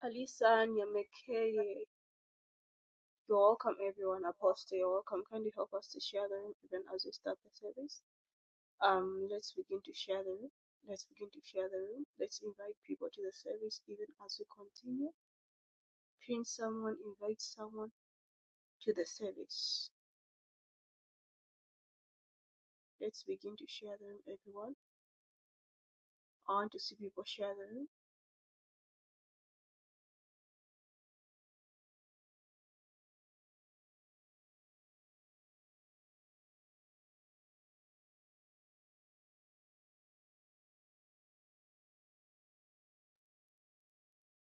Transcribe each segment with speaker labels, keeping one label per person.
Speaker 1: Alisa and Yamekeye, you're welcome everyone. Apostle, you're welcome. Kindly help us to share the room even as we start the service. Um, let's begin to share the room. Let's begin to share the room. Let's invite people to the service even as we continue. Pin someone, invite someone to the service. Let's begin to share the room, everyone. I want to see people share the room.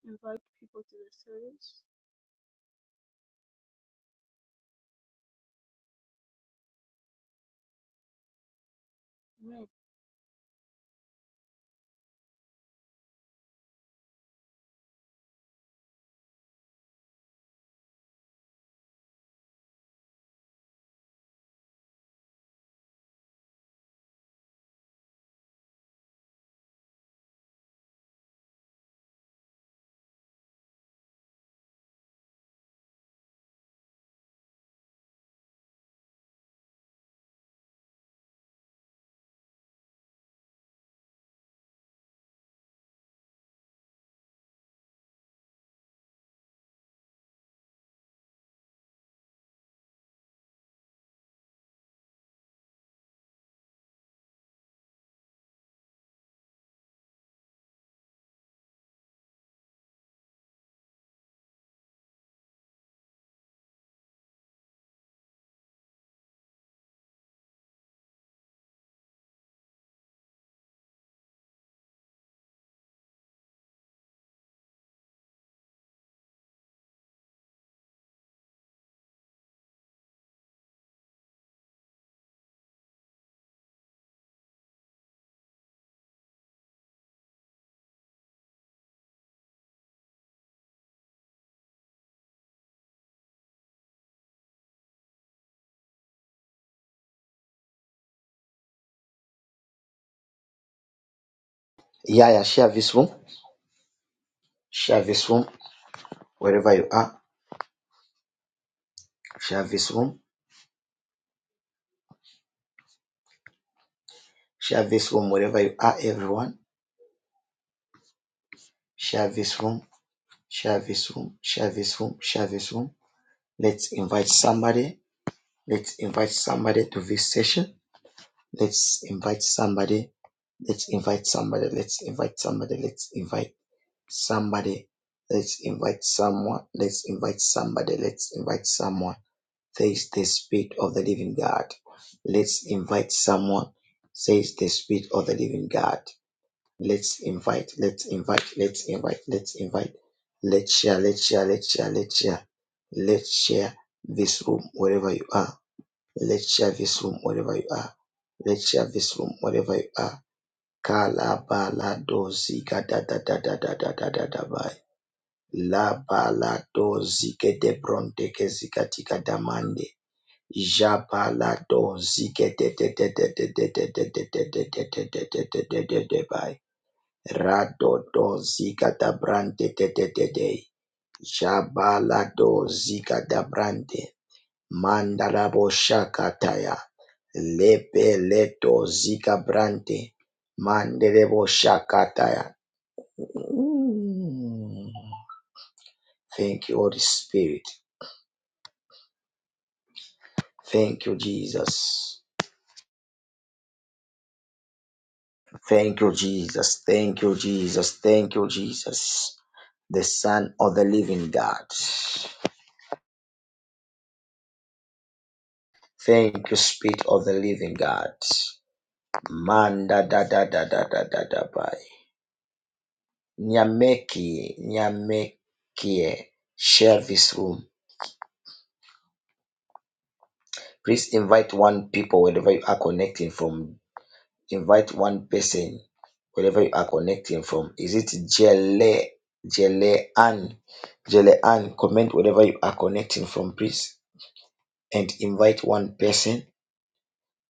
Speaker 1: Invite people to the service. Amen.
Speaker 2: Yeah, yeah, share this room. Share this room wherever you are. Share this room. Share this room wherever you are, everyone. Share this room. Share this room. Share this room. Share this room. Let's invite somebody. Let's invite somebody to this session. Let's invite somebody. Let's invite somebody. Let's invite somebody. Let's invite somebody. Let's invite someone. Let's invite somebody. Let's invite someone. says the Spirit of the Living God. Let's invite someone, says the Spirit of the Living God. Let's invite, let's invite, let's invite, let's invite. Let's share, let's share, let's share, let's share, let's share this room wherever you are. Let's share this room wherever you are. Let's share this room wherever you are. Kalabaladozi da da da da da da da da da bai. Labaladozi ke de bronte ke zikatika damande. Thank you, Jesus. Thank you, Jesus. Thank you, Jesus. The Son of the Living God. Thank you, Spirit of the Living God. Manda da da da da da da da bye. Nyameki, Nyamekie, share this room. Please invite one people wherever you are connecting from invite one person wherever you are connecting from. Is it Jele Jele Ann? Jele Ann, comment wherever you are connecting from, please, and invite one person.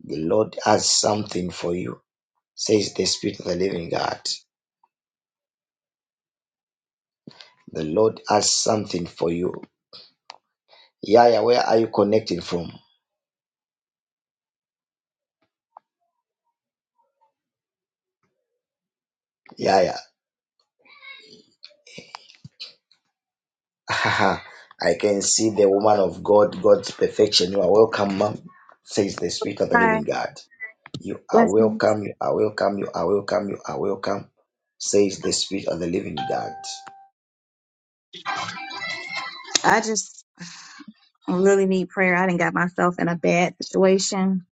Speaker 2: The Lord has something for you, says the Spirit of the Living God. The Lord has something for you. Yaya, where are you connecting from? Yaya. I can see the woman of God, God's perfection. You are welcome, ma'am, says the Spirit of the
Speaker 3: Hi,
Speaker 2: Living God. You are
Speaker 3: blessings.
Speaker 2: welcome, you are welcome, you are welcome, you are welcome, says the Spirit of the Living God.
Speaker 3: I just really need prayer. I didn't got myself in a bad situation.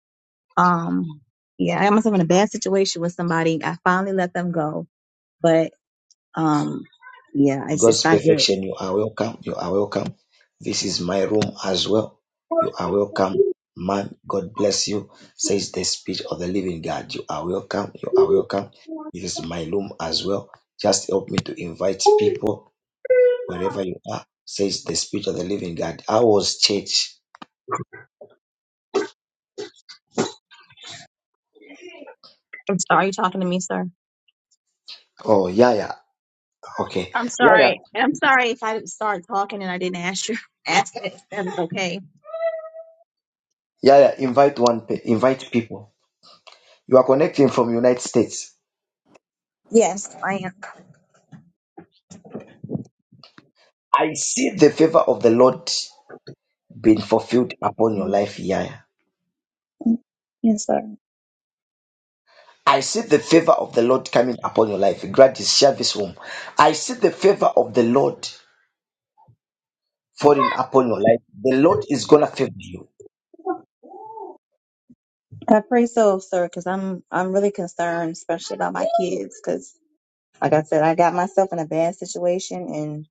Speaker 3: Um, yeah, I got myself in a bad situation with somebody. I finally let them go, but um, yeah, it's just
Speaker 2: God's
Speaker 3: not good.
Speaker 2: perfection, you are welcome, you are welcome. This is my room as well. You are welcome, man. God bless you, says the Spirit of the Living God. You are welcome, you are welcome. This is my room as well. Just help me to invite people wherever you are, says the Spirit of the Living God. I was church.
Speaker 3: I'm sorry, are you talking to me, sir?
Speaker 2: Oh, yeah, yeah. Okay.
Speaker 3: I'm
Speaker 2: Yeah, yeah.
Speaker 3: sorry. I'm sorry if I didn't start talking and I didn't ask you. Ask it. That's okay.
Speaker 2: Yeah, yeah. Invite one, pe- invite people. You are connecting from United States.
Speaker 3: Yes, I
Speaker 2: I see the favor of the Lord being fulfilled upon your
Speaker 3: am.
Speaker 2: life Yaya.
Speaker 3: Yes, sir.
Speaker 2: I see the favor of the Lord coming upon your life. Gladys, share this room. I see the favor of the Lord falling upon your life. The Lord is gonna favor you.
Speaker 3: I pray so, sir, because I'm I'm really concerned, especially about my kids, 'cause Like I said, I got myself in a bad situation, and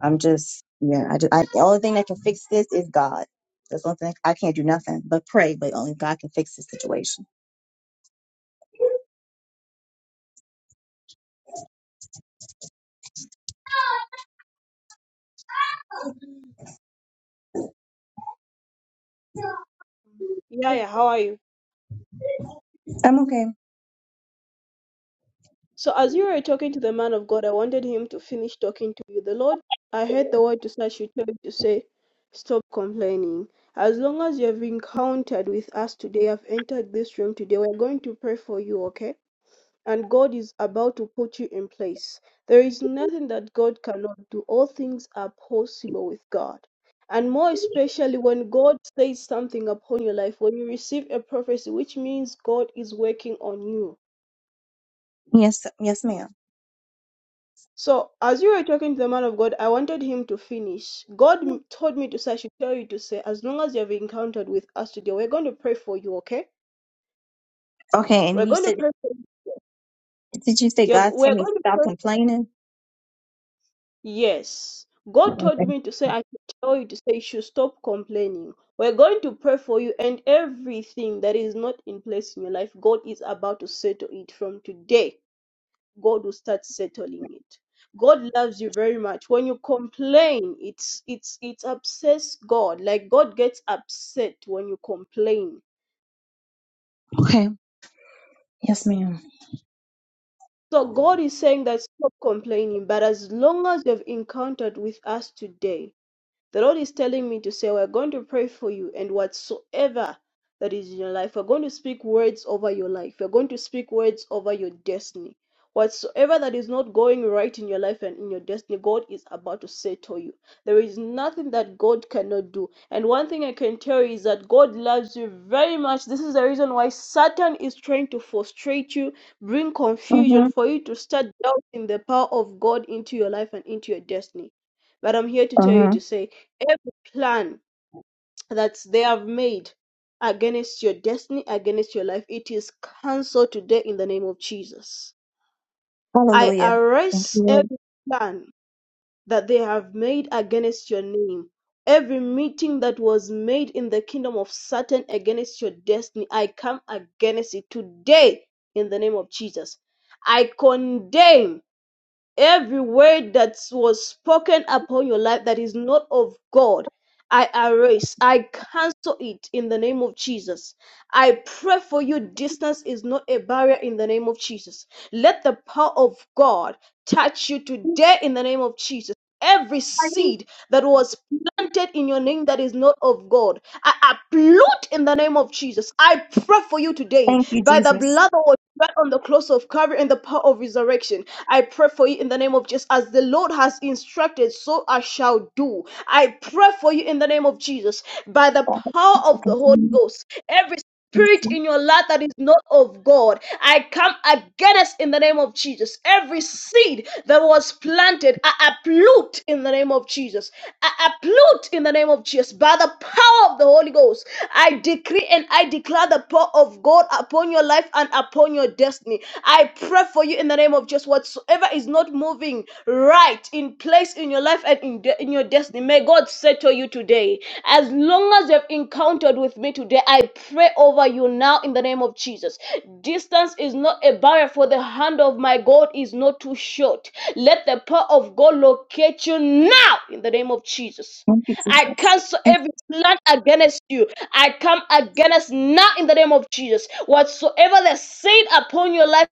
Speaker 3: I'm just yeah. I just I, the only thing that can fix this is God. That's the only thing I can't do nothing but pray, but only God can fix this situation.
Speaker 1: Yeah, yeah. How are you?
Speaker 3: I'm okay.
Speaker 1: So as you were talking to the man of God, I wanted him to finish talking to you. The Lord, I heard the word to such you tell you to say, stop complaining. As long as you have encountered with us today, have entered this room today, we're going to pray for you, okay? And God is about to put you in place. There is nothing that God cannot do. All things are possible with God. And more especially when God says something upon your life, when you receive a prophecy, which means God is working on you
Speaker 3: Yes, yes, ma'am.
Speaker 1: So, as you were talking to the man of God, I wanted him to finish. God m- told me to say, I should tell you to say, as long as you have encountered with us today, we're going to pray for you, okay?
Speaker 3: Okay, and
Speaker 1: We're
Speaker 3: then you
Speaker 1: going to
Speaker 3: said,
Speaker 1: pray for you.
Speaker 3: did you say
Speaker 1: You're-
Speaker 3: God told
Speaker 1: We're
Speaker 3: me to
Speaker 1: going to
Speaker 3: stop
Speaker 1: pray.
Speaker 3: complaining?
Speaker 1: Yes. God told
Speaker 3: Okay.
Speaker 1: me to say, I should tell you to say, you should stop complaining. We're going to pray for you and everything that is not in place in your life, God is about to settle it from today. God will start settling it. God loves you very much. When you complain, it's it's it's upsets God. Like God gets upset when you complain.
Speaker 3: Okay. Yes, madam
Speaker 1: So God is saying that stop complaining, but as long as you've encountered with us today, The Lord is telling me to say, We're going to pray for you, and whatsoever that is in your life, we're going to speak words over your life. We're going to speak words over your destiny. Whatsoever that is not going right in your life and in your destiny, God is about to settle you. There is nothing that God cannot do. And one thing I can tell you is that God loves you very much. This is the reason why Satan is trying to frustrate you, bring confusion
Speaker 3: Mm-hmm.
Speaker 1: for you to start doubting the power of God into your life and into your destiny. But I'm here to tell you
Speaker 3: mm-hmm.
Speaker 1: to say, every plan that they have made against your destiny, against your life, it is cancelled today in the name of Jesus. I
Speaker 3: Hallelujah. Thank
Speaker 1: arrest
Speaker 3: you, Lord.
Speaker 1: every plan that they have made against your name. Every meeting that was made in the kingdom of Satan against your destiny, I come against it today in the name of Jesus. I condemn Every word that was spoken upon your life that is not of God, I erase, I cancel it in the name of Jesus. I pray for you. Distance is not a barrier in the name of Jesus. Let the power of God touch you today in the name of Jesus. Every
Speaker 3: Pardon?
Speaker 1: seed that was planted in your name that is not of God, I uproot in the name of Jesus. I pray for you today
Speaker 3: Thank you,
Speaker 1: by the
Speaker 3: Jesus.
Speaker 1: blood that was shed on the cross of Calvary and the power of resurrection. I pray for you in the name of Jesus. As the Lord has instructed, so I shall do. I pray for you in the name of Jesus. By the
Speaker 3: Father,
Speaker 1: power
Speaker 3: I
Speaker 1: of the Holy
Speaker 3: continue
Speaker 1: Ghost, every
Speaker 3: thank
Speaker 1: spirit
Speaker 3: you,
Speaker 1: in your life that is not of God, I come against in the name of Jesus. Every seed that was planted, I uproot in the name of Jesus. I uproot in the name of Jesus. By the power of the Holy Ghost, I decree and I declare the power of God upon your life and upon your destiny. I pray for you in the name of Jesus whatsoever is not moving right in place in your life and in, de- in your destiny, may God settle you today. As long as you've encountered with me today, I pray over you now in the name of Jesus. Distance is not a barrier, for the hand of my God is not too short. Let the power of God locate you now in the name of Jesus.
Speaker 3: Thank you,
Speaker 1: I
Speaker 3: Jesus.
Speaker 1: cancel
Speaker 3: Thank
Speaker 1: every plan against you. I come against now in the name of Jesus. Whatsoever the sin upon your life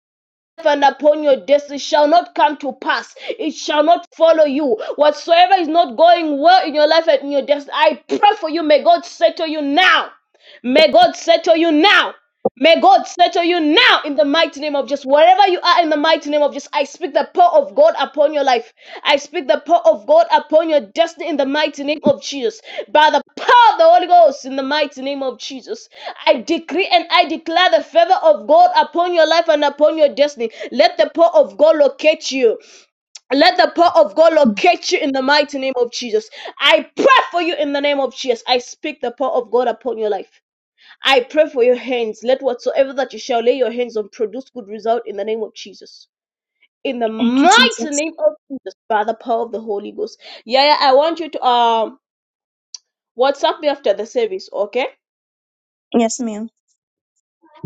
Speaker 1: and upon your destiny shall not come to pass. It shall not follow you. Whatsoever is not going well in your life and in your destiny, I pray for you. May God settle you now. May God settle you now. May God settle you now in the mighty name of Jesus. Wherever you are in the mighty name of Jesus, I speak the power of God upon your life. I speak the power of God upon your destiny in the mighty name of Jesus. By the power of the Holy Ghost in the mighty name of Jesus, I decree and I declare the favor of God upon your life and upon your destiny. Let the power of God locate you. Let the power of God locate you in the mighty name of Jesus. I pray for you in the name of Jesus. I speak the power of God upon your life. I pray for your hands. Let whatsoever that you shall lay your hands on produce good result in the name of Jesus. In the
Speaker 3: thank you,
Speaker 1: mighty
Speaker 3: Jesus.
Speaker 1: name of Jesus, by the power of the Holy Ghost. Yeah, yeah I want you to um WhatsApp me after the service, okay?
Speaker 3: Yes, ma'am.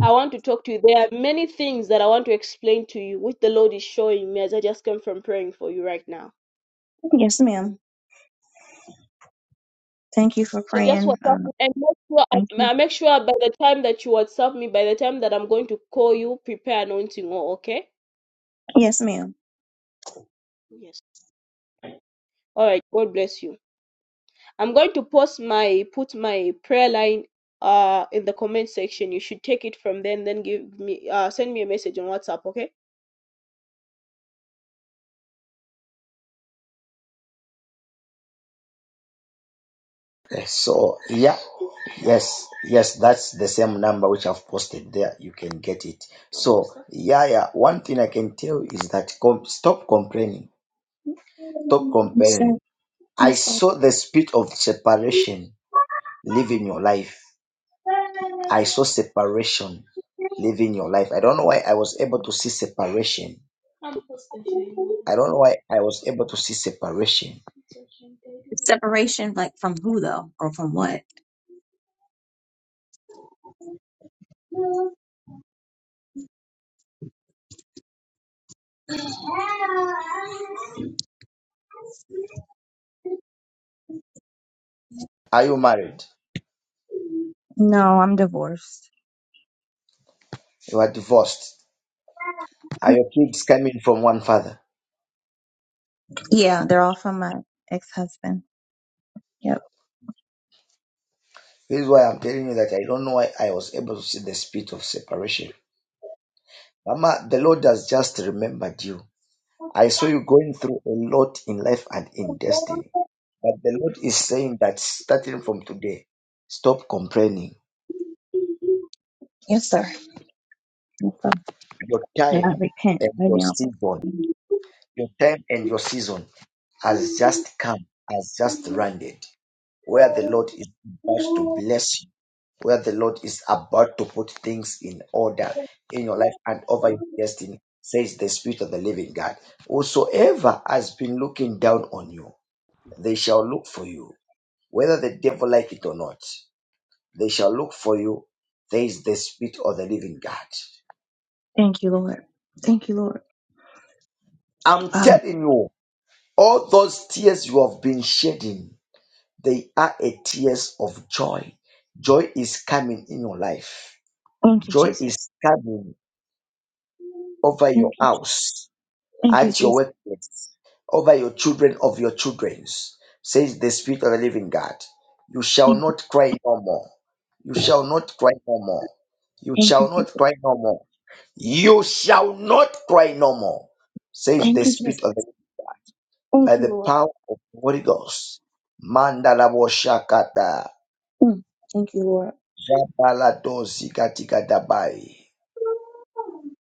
Speaker 1: I want to talk to you. There are many things that I want to explain to you, which the Lord is showing me as I just came from praying for you right now.
Speaker 3: Yes, ma'am. Thank you for
Speaker 1: So just
Speaker 3: praying.
Speaker 1: WhatsApp
Speaker 3: Uh,
Speaker 1: me and make sure
Speaker 3: thank you.
Speaker 1: I, I make sure by the time that you WhatsApp me, by the time that I'm going to call you, prepare anointing, oil, okay?
Speaker 3: Yes, ma'am.
Speaker 1: Yes. All right. God bless you. I'm going to post my put my prayer line uh in the comment section. You should take it from there and then give me uh send me a message on WhatsApp, okay?
Speaker 2: Okay, So yeah, yes, yes, that's the same number which I've posted there. You can get it. So yeah, yeah. One thing I can tell is that com- stop complaining. Stop
Speaker 3: Yes, sir.
Speaker 2: comparing. I
Speaker 3: Yes, sir.
Speaker 2: saw the spirit of separation living your life. I saw separation living your life. I don't know why I was able to see separation. I don't know why I was able to see separation.
Speaker 3: Separation, like from who though, or from what?
Speaker 2: Are you married?
Speaker 3: No, I'm divorced.
Speaker 2: You are divorced. Are your kids coming from one father?
Speaker 3: Yeah, they're all from my ex-husband. Yep.
Speaker 2: This is why I'm telling you that I don't know why I was able to see the spirit of separation. Mama, the Lord has just remembered you. I saw you going through a lot in life and in destiny. But the Lord is saying that starting from today, stop complaining
Speaker 3: Yes, sir. Yes, sir.
Speaker 2: your
Speaker 3: And I
Speaker 2: time
Speaker 3: repent
Speaker 2: and
Speaker 3: right
Speaker 2: your
Speaker 3: now.
Speaker 2: season, your time and your season has just come, has just landed, where the Lord is about to bless you, where the Lord is about to put things in order in your life and over your destiny, says the Spirit of the living God. Whosoever has been looking down on you, they shall look for you, whether the devil like it or not. They shall look for you, says the Spirit of the living God.
Speaker 3: Thank you, Lord. Thank you, Lord.
Speaker 2: I'm
Speaker 3: Um,
Speaker 2: telling you. All those tears you have been shedding, they are a tears of joy. Joy is coming in your life.
Speaker 3: thank you,
Speaker 2: Joy is
Speaker 3: Jesus.
Speaker 2: coming over
Speaker 3: Thank
Speaker 2: your
Speaker 3: you.
Speaker 2: house,
Speaker 3: Thank you,
Speaker 2: at your
Speaker 3: Jesus.
Speaker 2: workplace, over your children of your children's, says the Spirit of the Living God. You shall
Speaker 3: Thank you.
Speaker 2: not cry no more. You shall not cry no more. You
Speaker 3: Thank
Speaker 2: shall
Speaker 3: you,
Speaker 2: not
Speaker 3: Jesus.
Speaker 2: cry no more. You shall not cry no more, says the
Speaker 3: Thank you,
Speaker 2: Spirit
Speaker 3: Jesus.
Speaker 2: of the by
Speaker 3: Thank you,
Speaker 2: the
Speaker 3: Lord.
Speaker 2: power of Holy Ghost. Mandalabo shakata,
Speaker 3: Mm. Thank you, Lord.
Speaker 2: jabalado zikatikatabay,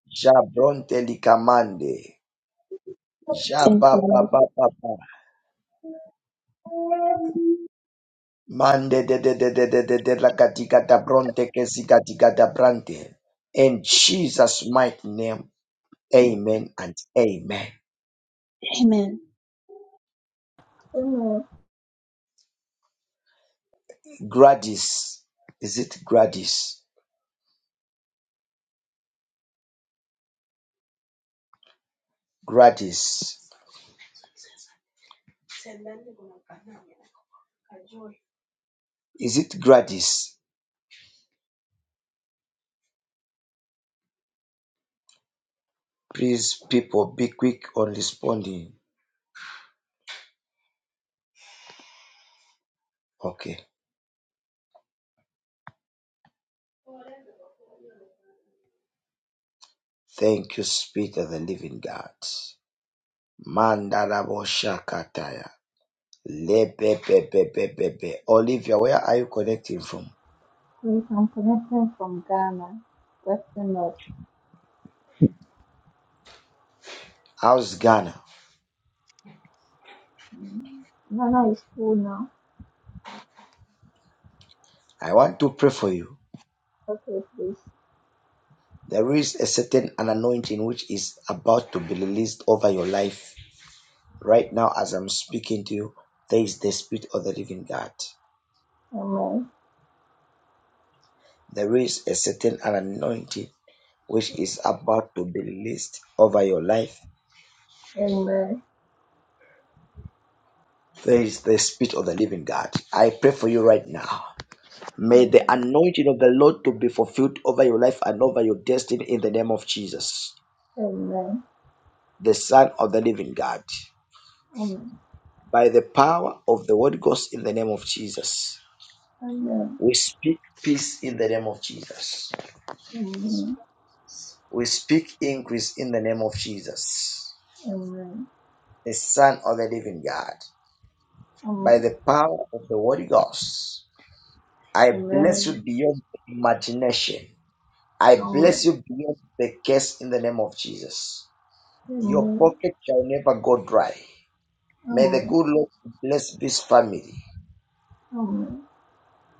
Speaker 2: jabronte likamande,
Speaker 3: Thank you,
Speaker 2: jabababababa,
Speaker 3: Lord.
Speaker 2: mande de de de de de de de la katika dabronte kesi katika zikatikatabronte. In Jesus' mighty name, amen and amen.
Speaker 3: Amen.
Speaker 4: Enoch
Speaker 2: Gladys, is it Gladys? Gladys, is it Gladys? Please, people, be quick on responding. Okay. Thank you, Spirit of the Living God. Mandarabo Shakataya. Lebebebebebebe. Olivia, where are you connecting from?
Speaker 4: with I'm connecting from Ghana. Western North.
Speaker 2: How's Ghana?
Speaker 4: Ghana is cool now.
Speaker 2: I want to pray for you.
Speaker 4: Okay, please.
Speaker 2: There is a certain an anointing which is about to be released over your life. Right now, as I'm speaking to you, there is the Spirit of the Living God.
Speaker 4: Amen.
Speaker 2: There is a certain an anointing which is about to be released over your life.
Speaker 4: Amen.
Speaker 2: There is the Spirit of the Living God. I pray for you right now. May the
Speaker 4: Amen.
Speaker 2: anointing of the Lord to be fulfilled over your life and over your destiny in the name of Jesus,
Speaker 4: Amen.
Speaker 2: the Son of the Living God.
Speaker 4: Amen.
Speaker 2: By the power of the Holy Ghost in the name of Jesus.
Speaker 4: Amen.
Speaker 2: We speak peace in the name of Jesus.
Speaker 4: Amen.
Speaker 2: We speak increase in the name of Jesus,
Speaker 4: Amen.
Speaker 2: the Son of the Living God. By
Speaker 4: Amen.
Speaker 2: the power of the Holy Ghost, I bless you
Speaker 4: Amen.
Speaker 2: beyond imagination. I bless
Speaker 4: Amen.
Speaker 2: you beyond the case in the name of Jesus. Your
Speaker 4: Amen.
Speaker 2: pocket shall never go dry.
Speaker 4: Amen.
Speaker 2: May the
Speaker 4: Amen. Amen.
Speaker 2: good Lord bless this family.
Speaker 4: Amen. Amen.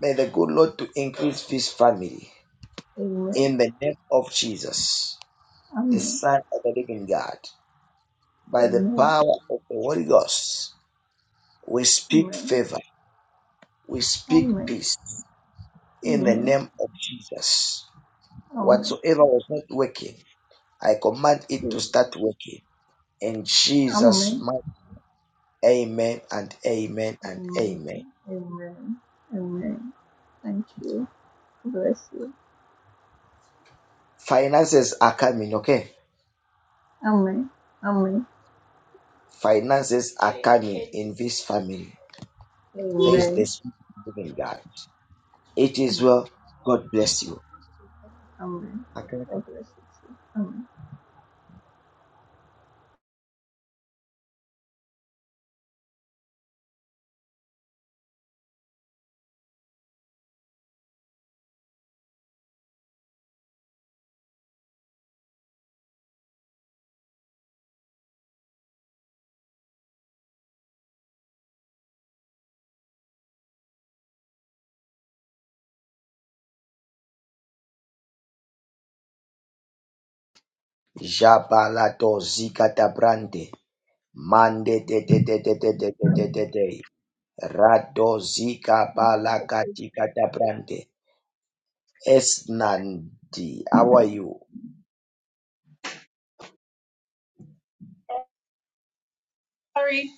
Speaker 2: May the good Lord to increase this family.
Speaker 4: Amen.
Speaker 2: In the name of Jesus, the Son of the living God, by the power of the Holy Ghost, we speak favor. We speak peace. In the
Speaker 4: Amen. Amen.
Speaker 2: name of Jesus,
Speaker 4: Amen.
Speaker 2: whatsoever was not working, I command it to
Speaker 4: Jesus.
Speaker 2: start working. In Jesus'
Speaker 4: Amen.
Speaker 2: mighty amen and amen and
Speaker 4: Amen.
Speaker 2: amen.
Speaker 4: Amen. Amen. Thank you. Bless you.
Speaker 2: Finances are coming, okay?
Speaker 4: Amen. Amen.
Speaker 2: Finances are coming in this family. There is the
Speaker 4: Amen.
Speaker 2: spirit of living God. It is
Speaker 4: Amen.
Speaker 2: well. God bless you.
Speaker 4: Amen. God bless you too. Amen.
Speaker 2: Jabalato zikata brande. Mande de de de de de de de de de de. Rado zika balakati kata brande. Esnandi. How are you?
Speaker 5: Sorry.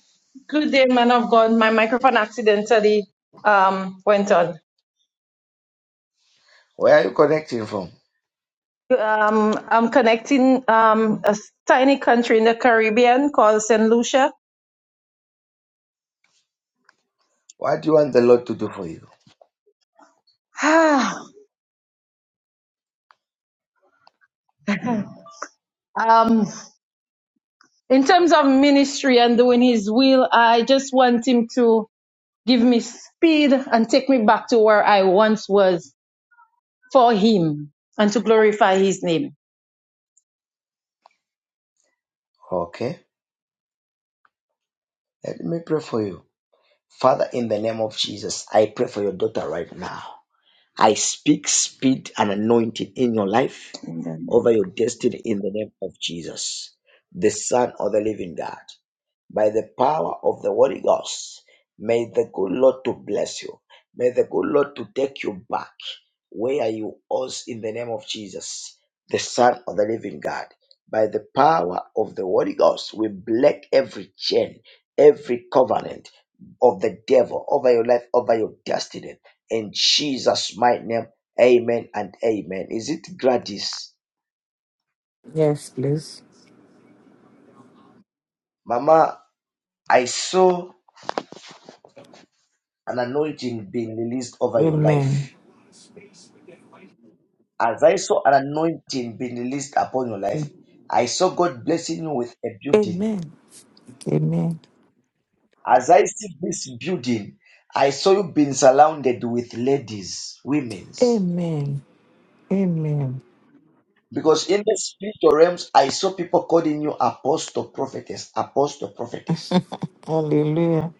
Speaker 5: Good day, man of God. My microphone accidentally um, went on.
Speaker 2: Where are you connecting from?
Speaker 5: Um, I'm connecting um, a s- tiny country in the Caribbean called St. Lucia.
Speaker 2: What do you want the Lord to do for you?
Speaker 5: um, in terms of ministry and doing his will, I just want him to give me speed and take me back to where I once was for him and to glorify his name.
Speaker 2: Okay. Let me pray for you. Father, in the name of Jesus, I pray for your daughter right now. I speak speed and anointing in your life over your destiny in the name of Jesus, the Son of the Living God by the power of the Holy Ghost. May the good Lord to bless you. May the good Lord to take you back where you was in the name of Jesus, the Son of the Living God. By the power of the Holy Ghost, we break every chain, every covenant of the devil over your life, over your destiny. In Jesus' mighty name, amen and amen. Is it Gladys?
Speaker 6: Yes, please.
Speaker 2: Mama, I saw an anointing being released over your life.
Speaker 6: Amen.
Speaker 2: As I saw an anointing being released upon your life, I saw God blessing you with a building.
Speaker 6: Amen. Amen.
Speaker 2: As I see this building, I saw you being surrounded with ladies, women's.
Speaker 6: Amen. Amen.
Speaker 2: Because in the spiritual realms, I saw people calling you apostle prophetess, apostle prophetess.
Speaker 6: Hallelujah.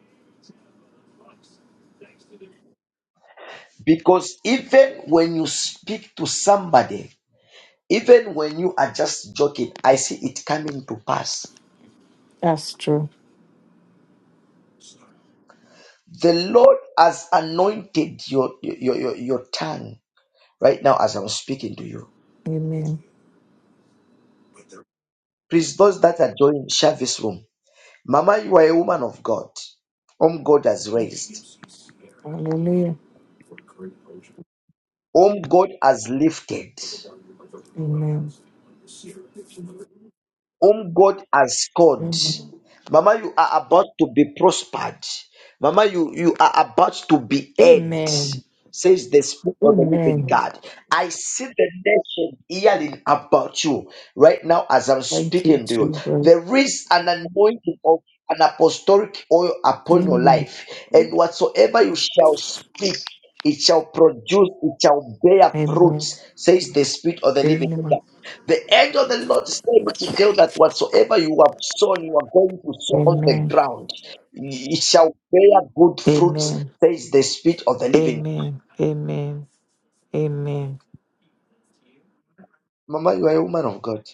Speaker 2: Because even when you speak to somebody, even when you are just joking, I see it coming to pass.
Speaker 6: That's true.
Speaker 2: The Lord has anointed your, your, your, your tongue. right now as I was speaking to you.
Speaker 6: Amen.
Speaker 2: Please, those that are joining, share this room. Mama, you are a woman of God, whom God has raised,
Speaker 6: Hallelujah.
Speaker 2: whom God has lifted.
Speaker 6: Amen.
Speaker 2: whom God has called.
Speaker 6: Amen.
Speaker 2: Mama, you are about to be prospered. Mama, you, you are about to be heard,
Speaker 6: Amen.
Speaker 2: says the Spirit of the living
Speaker 6: Amen.
Speaker 2: God. I see the nation yelling about you right now as I'm
Speaker 6: Thank you,
Speaker 2: speaking to you.
Speaker 6: Jesus.
Speaker 2: There is an anointing of an apostolic oil upon your
Speaker 6: Amen.
Speaker 2: life, and whatsoever you shall speak, it shall produce, it shall bear
Speaker 6: Amen.
Speaker 2: fruits, says the Spirit of the living God.
Speaker 6: Amen.
Speaker 2: The angel of the Lord said me to tell that whatsoever you have sown, you are going to sow on the
Speaker 6: Amen.
Speaker 2: ground. It shall bear good fruits,
Speaker 6: Amen.
Speaker 2: says the Spirit of the living.
Speaker 6: Amen. Amen. Amen.
Speaker 2: Mama, you are a woman of God.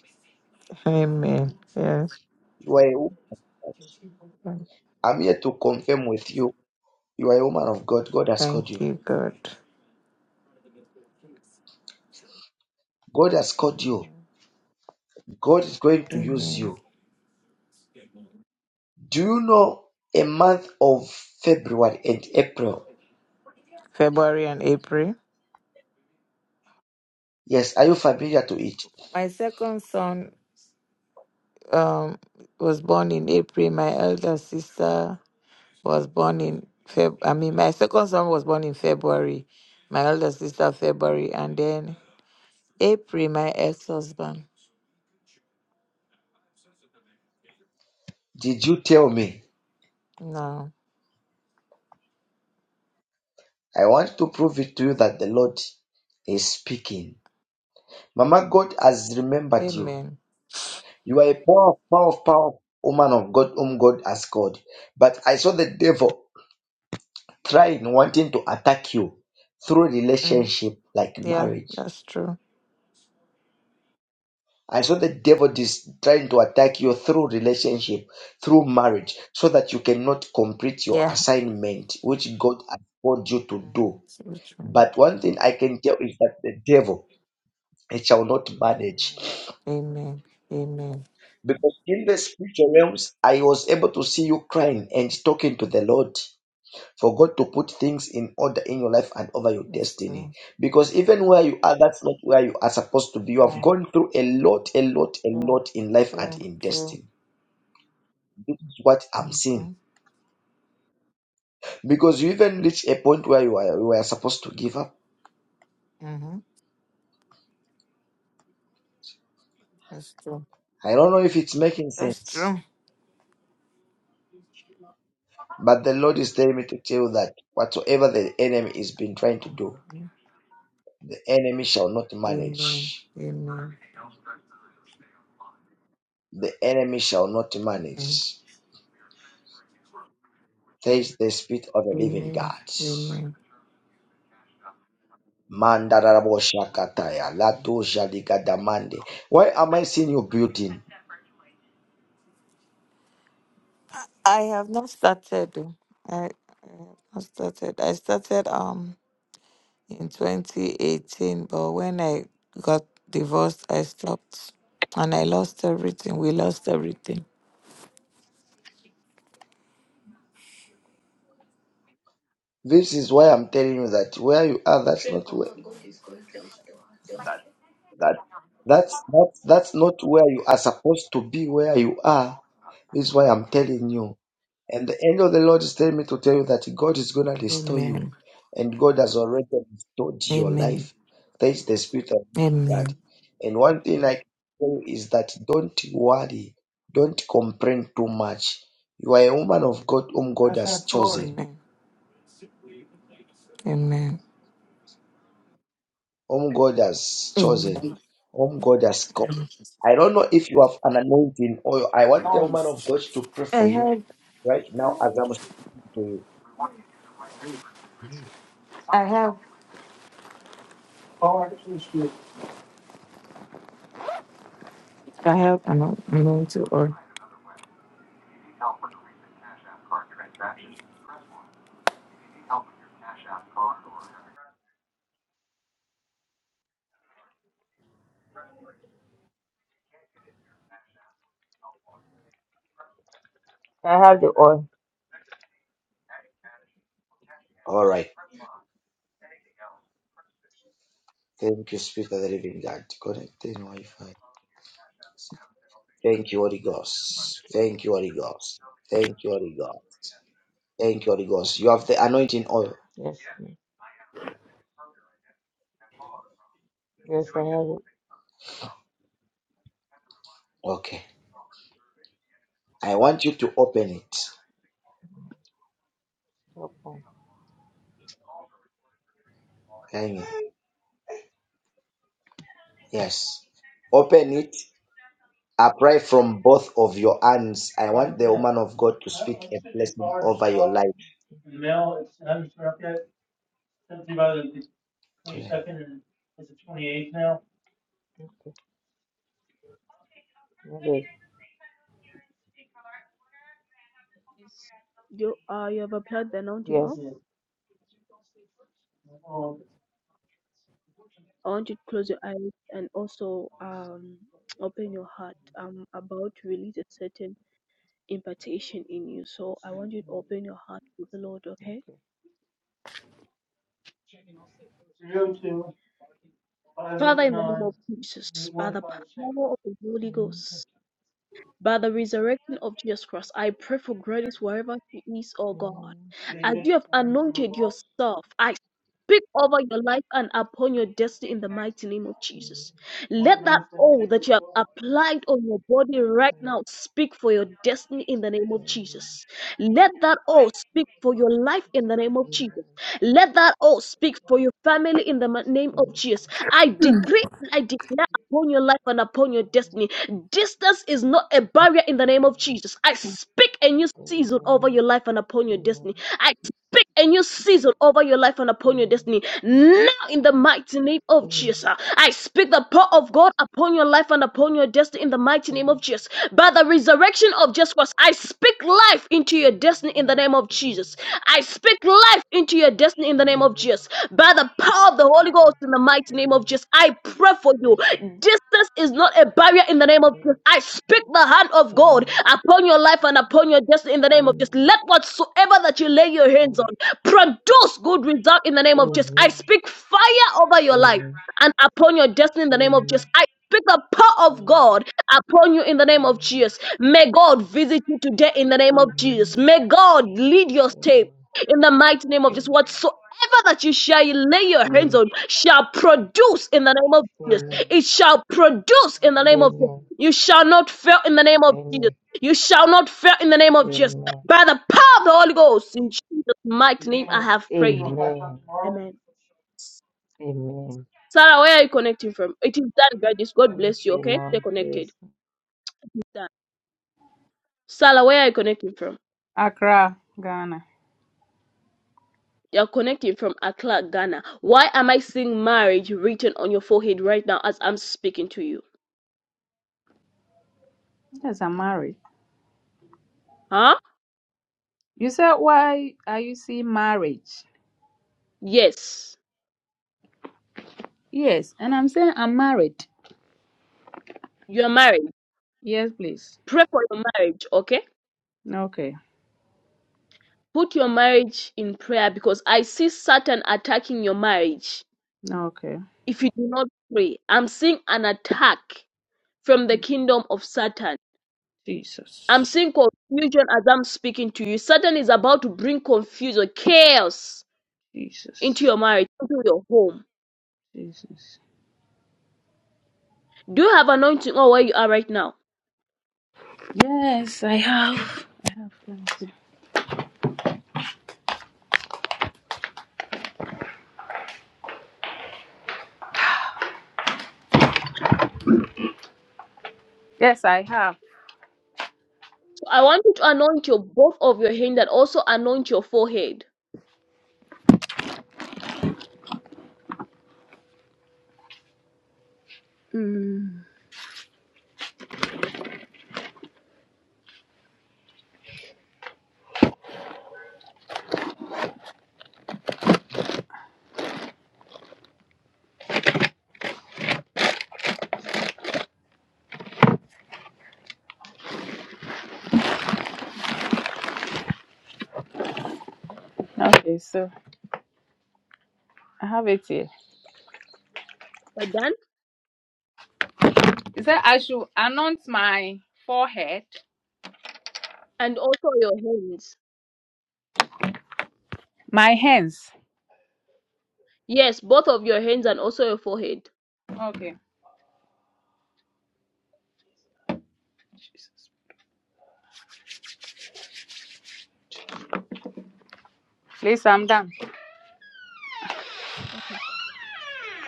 Speaker 6: Amen. Yes.
Speaker 2: You are a woman. I'm here to confirm with you. You are a woman of God. God has
Speaker 6: Thank
Speaker 2: called you.
Speaker 6: you, God.
Speaker 2: God has called you. God is going to use
Speaker 6: Amen.
Speaker 2: you. Do you know a month of February and April?
Speaker 6: February and April.
Speaker 2: Yes, are you familiar to it?
Speaker 6: My second son um, was born in April. My elder sister was born in Feb. I mean, my second son was born in February. My elder sister February, and then April, my ex-husband.
Speaker 2: Did you tell me?
Speaker 6: No,
Speaker 2: I want to prove it to you that the Lord is speaking. Mama, God has remembered you.
Speaker 6: amen.
Speaker 2: You are a power, power, power woman of God, whom God has called. But I saw the devil trying, wanting to attack you through
Speaker 6: Mm,
Speaker 2: relationship like
Speaker 6: yeah,
Speaker 2: marriage.
Speaker 6: that's true.
Speaker 2: I saw the devil is trying to attack you through relationship, through marriage, so that you cannot complete your
Speaker 6: Yeah.
Speaker 2: assignment which God has called you to
Speaker 6: Mm-hmm.
Speaker 2: do.
Speaker 6: So true.
Speaker 2: But one thing I can tell is that the devil it shall not manage.
Speaker 6: Amen. Amen. Amen.
Speaker 2: Because in the spiritual realms, I was able to see you crying and talking to the Lord for God to put things in order in your life and over your
Speaker 6: That's
Speaker 2: destiny.
Speaker 6: true.
Speaker 2: Because even where you are, that's not where you are supposed to be. You have
Speaker 6: Yeah.
Speaker 2: gone through a lot, a lot, a
Speaker 6: True.
Speaker 2: lot in life and
Speaker 6: True.
Speaker 2: in
Speaker 6: True.
Speaker 2: destiny. This is what I'm seeing.
Speaker 6: Mm-hmm.
Speaker 2: Because you even reach a point where you are, you are supposed to give up.
Speaker 6: Mm-hmm. That's true.
Speaker 2: I don't know if it's making
Speaker 6: That's
Speaker 2: sense.
Speaker 6: true.
Speaker 2: But the Lord is telling me to tell you that whatsoever the enemy has been trying to do, the enemy shall not
Speaker 6: Amen.
Speaker 2: manage.
Speaker 6: Amen.
Speaker 2: The enemy shall not
Speaker 6: Amen.
Speaker 2: manage. Says the Spirit of the Living
Speaker 6: Amen.
Speaker 2: God.
Speaker 6: Amen.
Speaker 2: Mandarabo Shakataya. Lato Jaligadamande. Why am I seeing you building?
Speaker 6: I have not started. oh. I, I have not started. I started um in 2018, but when I got divorced, I stopped, and I lost everything. We lost everything.
Speaker 2: This is why I'm telling you that where you are, that's not where. That, that's, that's, that's not where you are supposed to be, where you are. This is why I'm telling you. And the angel of the Lord is telling me to tell you that God is going to restore you.
Speaker 6: Amen.
Speaker 2: And God has already restored your
Speaker 6: Amen.
Speaker 2: life. That is the spirit of God.
Speaker 6: Amen.
Speaker 2: And one thing I can tell you is that don't worry, don't complain too much. You are a woman of God whom God has
Speaker 6: Asha Ford.
Speaker 2: chosen.
Speaker 6: Amen. Amen.
Speaker 2: Whom God has chosen.
Speaker 6: Amen.
Speaker 2: Whom God has called. I don't know if you have an anointing oil. I want the woman of God to pray
Speaker 6: I
Speaker 2: for you
Speaker 6: have.
Speaker 2: right now as I'm speaking to you. Mm.
Speaker 6: I have. I have. I'm not- I'm going to. Or I have the oil.
Speaker 2: All right. Thank you, Spirit of the Living God. Connecting Wi-Fi. Thank you, Holy Ghost. Thank you, Holy Ghost. Thank you, Holy Ghost. Thank you, Holy Ghost. You have the anointing oil.
Speaker 6: Yes. Yes, I have it.
Speaker 2: Okay. I want you to open it.
Speaker 6: Okay.
Speaker 2: Hang it. Yes. Open it. Apply from both of your hands. I want the woman of God to speak a blessing over your life.
Speaker 6: Okay. Okay.
Speaker 1: Yes. You uh you have applied the anointing
Speaker 6: Yes.
Speaker 1: oil. I want you to close your eyes and also um open your heart. I'm about to release a certain impartation in you. So I want you to open your heart to the Lord, okay?
Speaker 6: Okay.
Speaker 1: Father, in the name of Jesus, by the power of the Holy Ghost. By the resurrection of Jesus Christ, I pray for grace wherever she is, O God. As you have anointed yourself, I speak over your life and upon your destiny in the mighty name of Jesus. Let that oil that you have applied on your body right now speak for your destiny in the name of Jesus. Let that oil speak for your life in the name of Jesus. Let that oil speak for your family in the ma- name of Jesus. I
Speaker 7: Hmm.
Speaker 1: decree, and I declare upon your life and upon your destiny Distance is not a barrier in the name of Jesus. I speak a new season over your life and upon your destiny. I speak a new season over your life and upon your destiny. Now, in the mighty name of Jesus, I speak the power of God upon your life and upon your destiny in the mighty name of Jesus. By the resurrection of Jesus Christ, I speak life into your destiny in the name of
Speaker 6: Okay.
Speaker 1: Jesus. I speak life into your destiny in the name
Speaker 6: Amen.
Speaker 1: of Jesus. By the power of the Holy Ghost in the mighty name of Jesus, I pray for you. Distance is not a barrier in the name of Jesus. I speak the hand of God upon your life and upon your destiny in the name of Jesus. Let whatsoever that you lay your hands on produce good result in the name of Jesus.
Speaker 6: Amen.
Speaker 1: I speak fire over your life and upon your destiny in the name of Jesus. I speak the power of God upon you in the name of Jesus. May God visit you today in the name of Jesus. May God lead your step in the mighty name of Jesus. Whatsoever
Speaker 6: Amen.
Speaker 1: that you shall
Speaker 6: Amen.
Speaker 1: lay your hands
Speaker 6: Amen.
Speaker 1: on shall produce in the name of Jesus.
Speaker 6: Amen.
Speaker 1: It shall produce in the name of Jesus. You shall not fail in the name of Jesus. You shall not fail in the name
Speaker 6: Amen.
Speaker 1: of Jesus. By the power of the Holy Ghost, in Jesus' mighty name, I have
Speaker 6: Amen.
Speaker 1: prayed.
Speaker 6: Amen.
Speaker 1: Amen.
Speaker 6: Amen.
Speaker 1: Sarah, where are you connecting from? It is done, Gladys. God
Speaker 6: Thank
Speaker 1: bless you,
Speaker 6: you,
Speaker 1: okay? Stay
Speaker 6: Mom, Chris.
Speaker 1: connected. It's done. Sarah, where are you connecting from?
Speaker 7: Accra, Ghana.
Speaker 1: You're connecting from Accra, Ghana. Why am I seeing marriage written on your forehead right now as I'm speaking to you?
Speaker 7: Yes, I'm married.
Speaker 1: Huh?
Speaker 7: You said, why are you seeing marriage?
Speaker 1: Yes,
Speaker 7: Yes, and I'm saying I'm married.
Speaker 1: your marriage.
Speaker 7: Yes, please.
Speaker 1: Pray for your marriage, okay?
Speaker 7: Okay,
Speaker 1: Put your marriage in prayer because I see Satan attacking your marriage
Speaker 7: okay.
Speaker 1: if you do not pray. I'm seeing an attack from the kingdom of Satan. I'm
Speaker 7: Jesus,
Speaker 1: seeing confusion as I'm speaking to you. Satan is about to bring confusion, chaos into
Speaker 7: Jesus,
Speaker 1: your marriage, into your home.
Speaker 7: Jesus.
Speaker 1: Do you have anointing or where you are right now?
Speaker 7: Yes, I have. I have. thank you. Yes, I have.
Speaker 1: So I want you to anoint your both of your hand and also anoint your forehead.
Speaker 7: Mm. Okay, so I have it here.
Speaker 1: We're done?
Speaker 7: Is that I should announce my forehead,
Speaker 1: And also your hands.
Speaker 7: my hands.
Speaker 1: Yes, both of your hands and also your forehead.
Speaker 7: Okay, Jesus. Please, I'm done.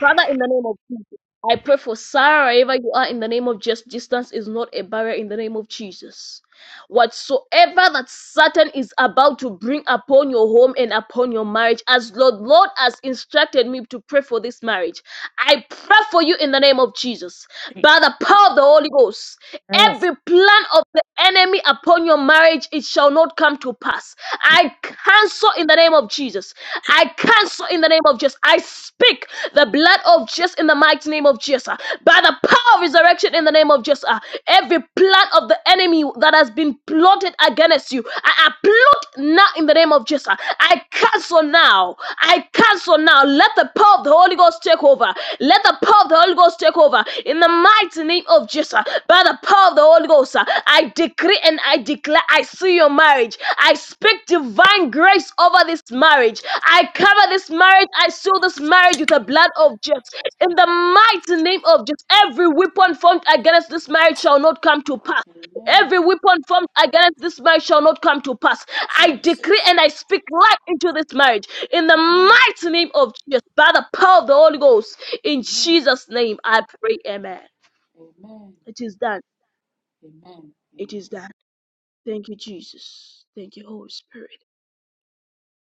Speaker 1: Father, in the name of Jesus, I pray for Sarah, wherever you are, in the name of just distance is not a barrier in the name of Jesus. Whatsoever that Satan is about to bring upon your home and upon your marriage, as Lord, Lord has instructed me to pray for this marriage, I pray for you in the name of Jesus. By the power of the Holy Ghost,
Speaker 7: Yes.
Speaker 1: every plan of the enemy upon your marriage, it shall not come to pass. I cancel in the name of Jesus. I cancel in the name of Jesus. I speak the blood of Jesus in the mighty name of Jesus. uh, By the power of resurrection in the name of Jesus. uh, Every plan of the enemy that has been plotted against you, I I now in the name of Jesus. uh, I cancel now. I cancel now. Let the power of the Holy Ghost take over. Let the power of the Holy Ghost take over. In the mighty name of Jesus, by the power of the Holy Ghost, uh, I decree and I declare I see your marriage. I speak divine grace over this marriage. I cover this marriage. I seal this marriage with the blood of Jesus. In the mighty name of Jesus, every weapon formed against this marriage shall not come to pass.
Speaker 7: Amen.
Speaker 1: Every weapon formed against this marriage shall not come to pass. I decree
Speaker 7: Jesus.
Speaker 1: and I speak life into this marriage in the
Speaker 7: Amen.
Speaker 1: mighty name of Jesus, by the power of the Holy Ghost. In
Speaker 7: Amen.
Speaker 1: Jesus' name, I pray, Amen.
Speaker 7: Amen.
Speaker 1: It is done.
Speaker 7: Amen.
Speaker 1: It
Speaker 7: Amen.
Speaker 1: is done. Thank you, Jesus. Thank you, Holy Spirit.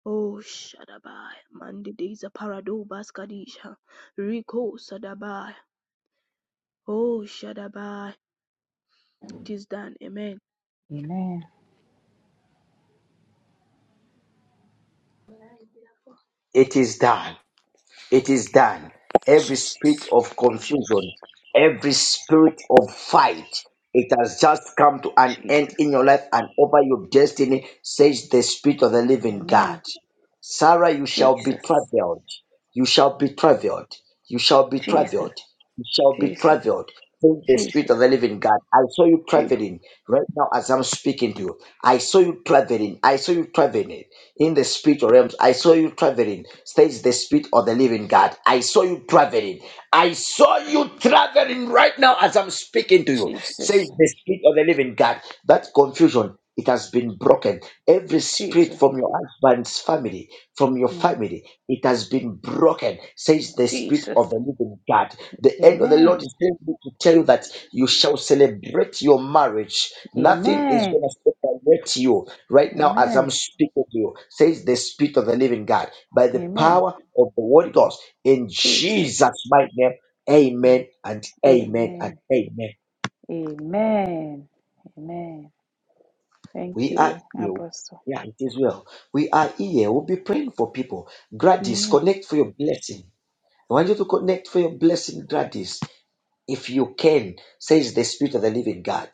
Speaker 1: Oh, Shadabai. Mandidays a parado baskadisha. Rico Sadabai. Oh, Shadabai. It is done. Amen.
Speaker 7: Amen.
Speaker 2: It is done. It is done. Every spirit of confusion, every spirit of fight, it has just come to an end
Speaker 7: Jesus.
Speaker 2: in your life and over your destiny, says the Spirit of the living God.
Speaker 7: Amen.
Speaker 2: Sarah, you shall be
Speaker 7: Jesus.
Speaker 2: traveled. You shall be traveled. You shall be
Speaker 7: Jesus.
Speaker 2: traveled. You shall be
Speaker 7: Jesus.
Speaker 2: traveled. Says the Spirit of
Speaker 7: Jesus.
Speaker 2: the living God. I saw you
Speaker 7: Je-
Speaker 2: traveling right now as I'm speaking to you. I saw you traveling. I saw you traveling in the spiritual realms. I saw you traveling. States the spirit of the living God. I saw you traveling. I saw you traveling right now as I'm speaking to you. Says
Speaker 7: Jesus.
Speaker 2: the spirit of the living God. That confusion. It has been broken. Every spirit
Speaker 7: Jesus.
Speaker 2: from your husband's family, from your
Speaker 7: Mm.
Speaker 2: family, it has been broken, says the spirit
Speaker 7: Jesus.
Speaker 2: of the living God. The end of the Lord
Speaker 7: Amen.
Speaker 2: is telling me to tell you that you shall celebrate your marriage. Nothing is
Speaker 7: Amen.
Speaker 2: going to separate you Right now, as I'm
Speaker 7: Amen.
Speaker 2: speaking to you, says the Spirit of the Living God, by the
Speaker 7: Amen.
Speaker 2: power of the Holy Ghost, in
Speaker 7: Jesus.
Speaker 2: Jesus' mighty name, amen and amen and
Speaker 7: Amen.
Speaker 2: amen.
Speaker 7: Amen. Amen. Thank
Speaker 2: We are
Speaker 7: you,
Speaker 2: healed.
Speaker 7: Apostle.
Speaker 2: Yeah, it is well. We are here. We'll be praying for people. Gladys,
Speaker 7: Amen.
Speaker 2: connect for your blessing. I want you to connect for your blessing, Gladys. if you can, says the Spirit of the Living God.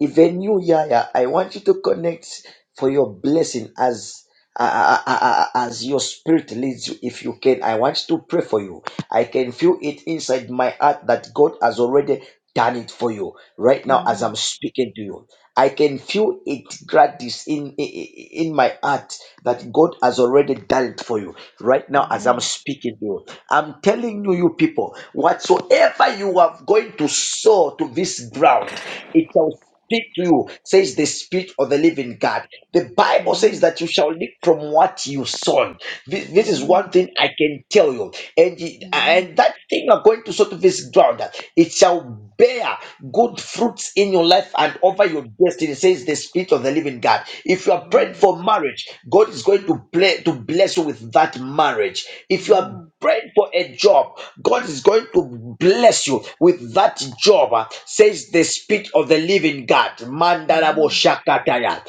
Speaker 2: Even you, Yaya, I want you to connect for your blessing as uh, uh, uh, uh, as your spirit leads you. If you can, I want to pray for you. I can feel it inside my heart that God has already done it for you right now as I'm
Speaker 7: Amen.
Speaker 2: speaking to you. I can feel it gratis in i- i- in my heart that God has already done it for you right now as I'm
Speaker 7: Amen.
Speaker 2: speaking to you. I'm telling you, you people, whatsoever you are going to sow to this ground, it shall speak to you, says the Spirit of the living God. The Bible says
Speaker 7: Amen.
Speaker 2: that you shall live from what you sown. This, this is one
Speaker 7: Amen.
Speaker 2: thing I can tell you. And, it-
Speaker 7: Amen.
Speaker 2: and that thing you're going to sow to this ground, it shall bear good fruits in your life and over your destiny, says the Spirit of the living God. If you are praying
Speaker 7: Amen.
Speaker 2: for marriage, God is going to, play, to bless you with that marriage. If you are
Speaker 7: Amen.
Speaker 2: prayed for a job, God is going to bless you with that job, uh, says the Spirit of the Living God. Mandarabo
Speaker 7: Amen.
Speaker 2: Shakataya.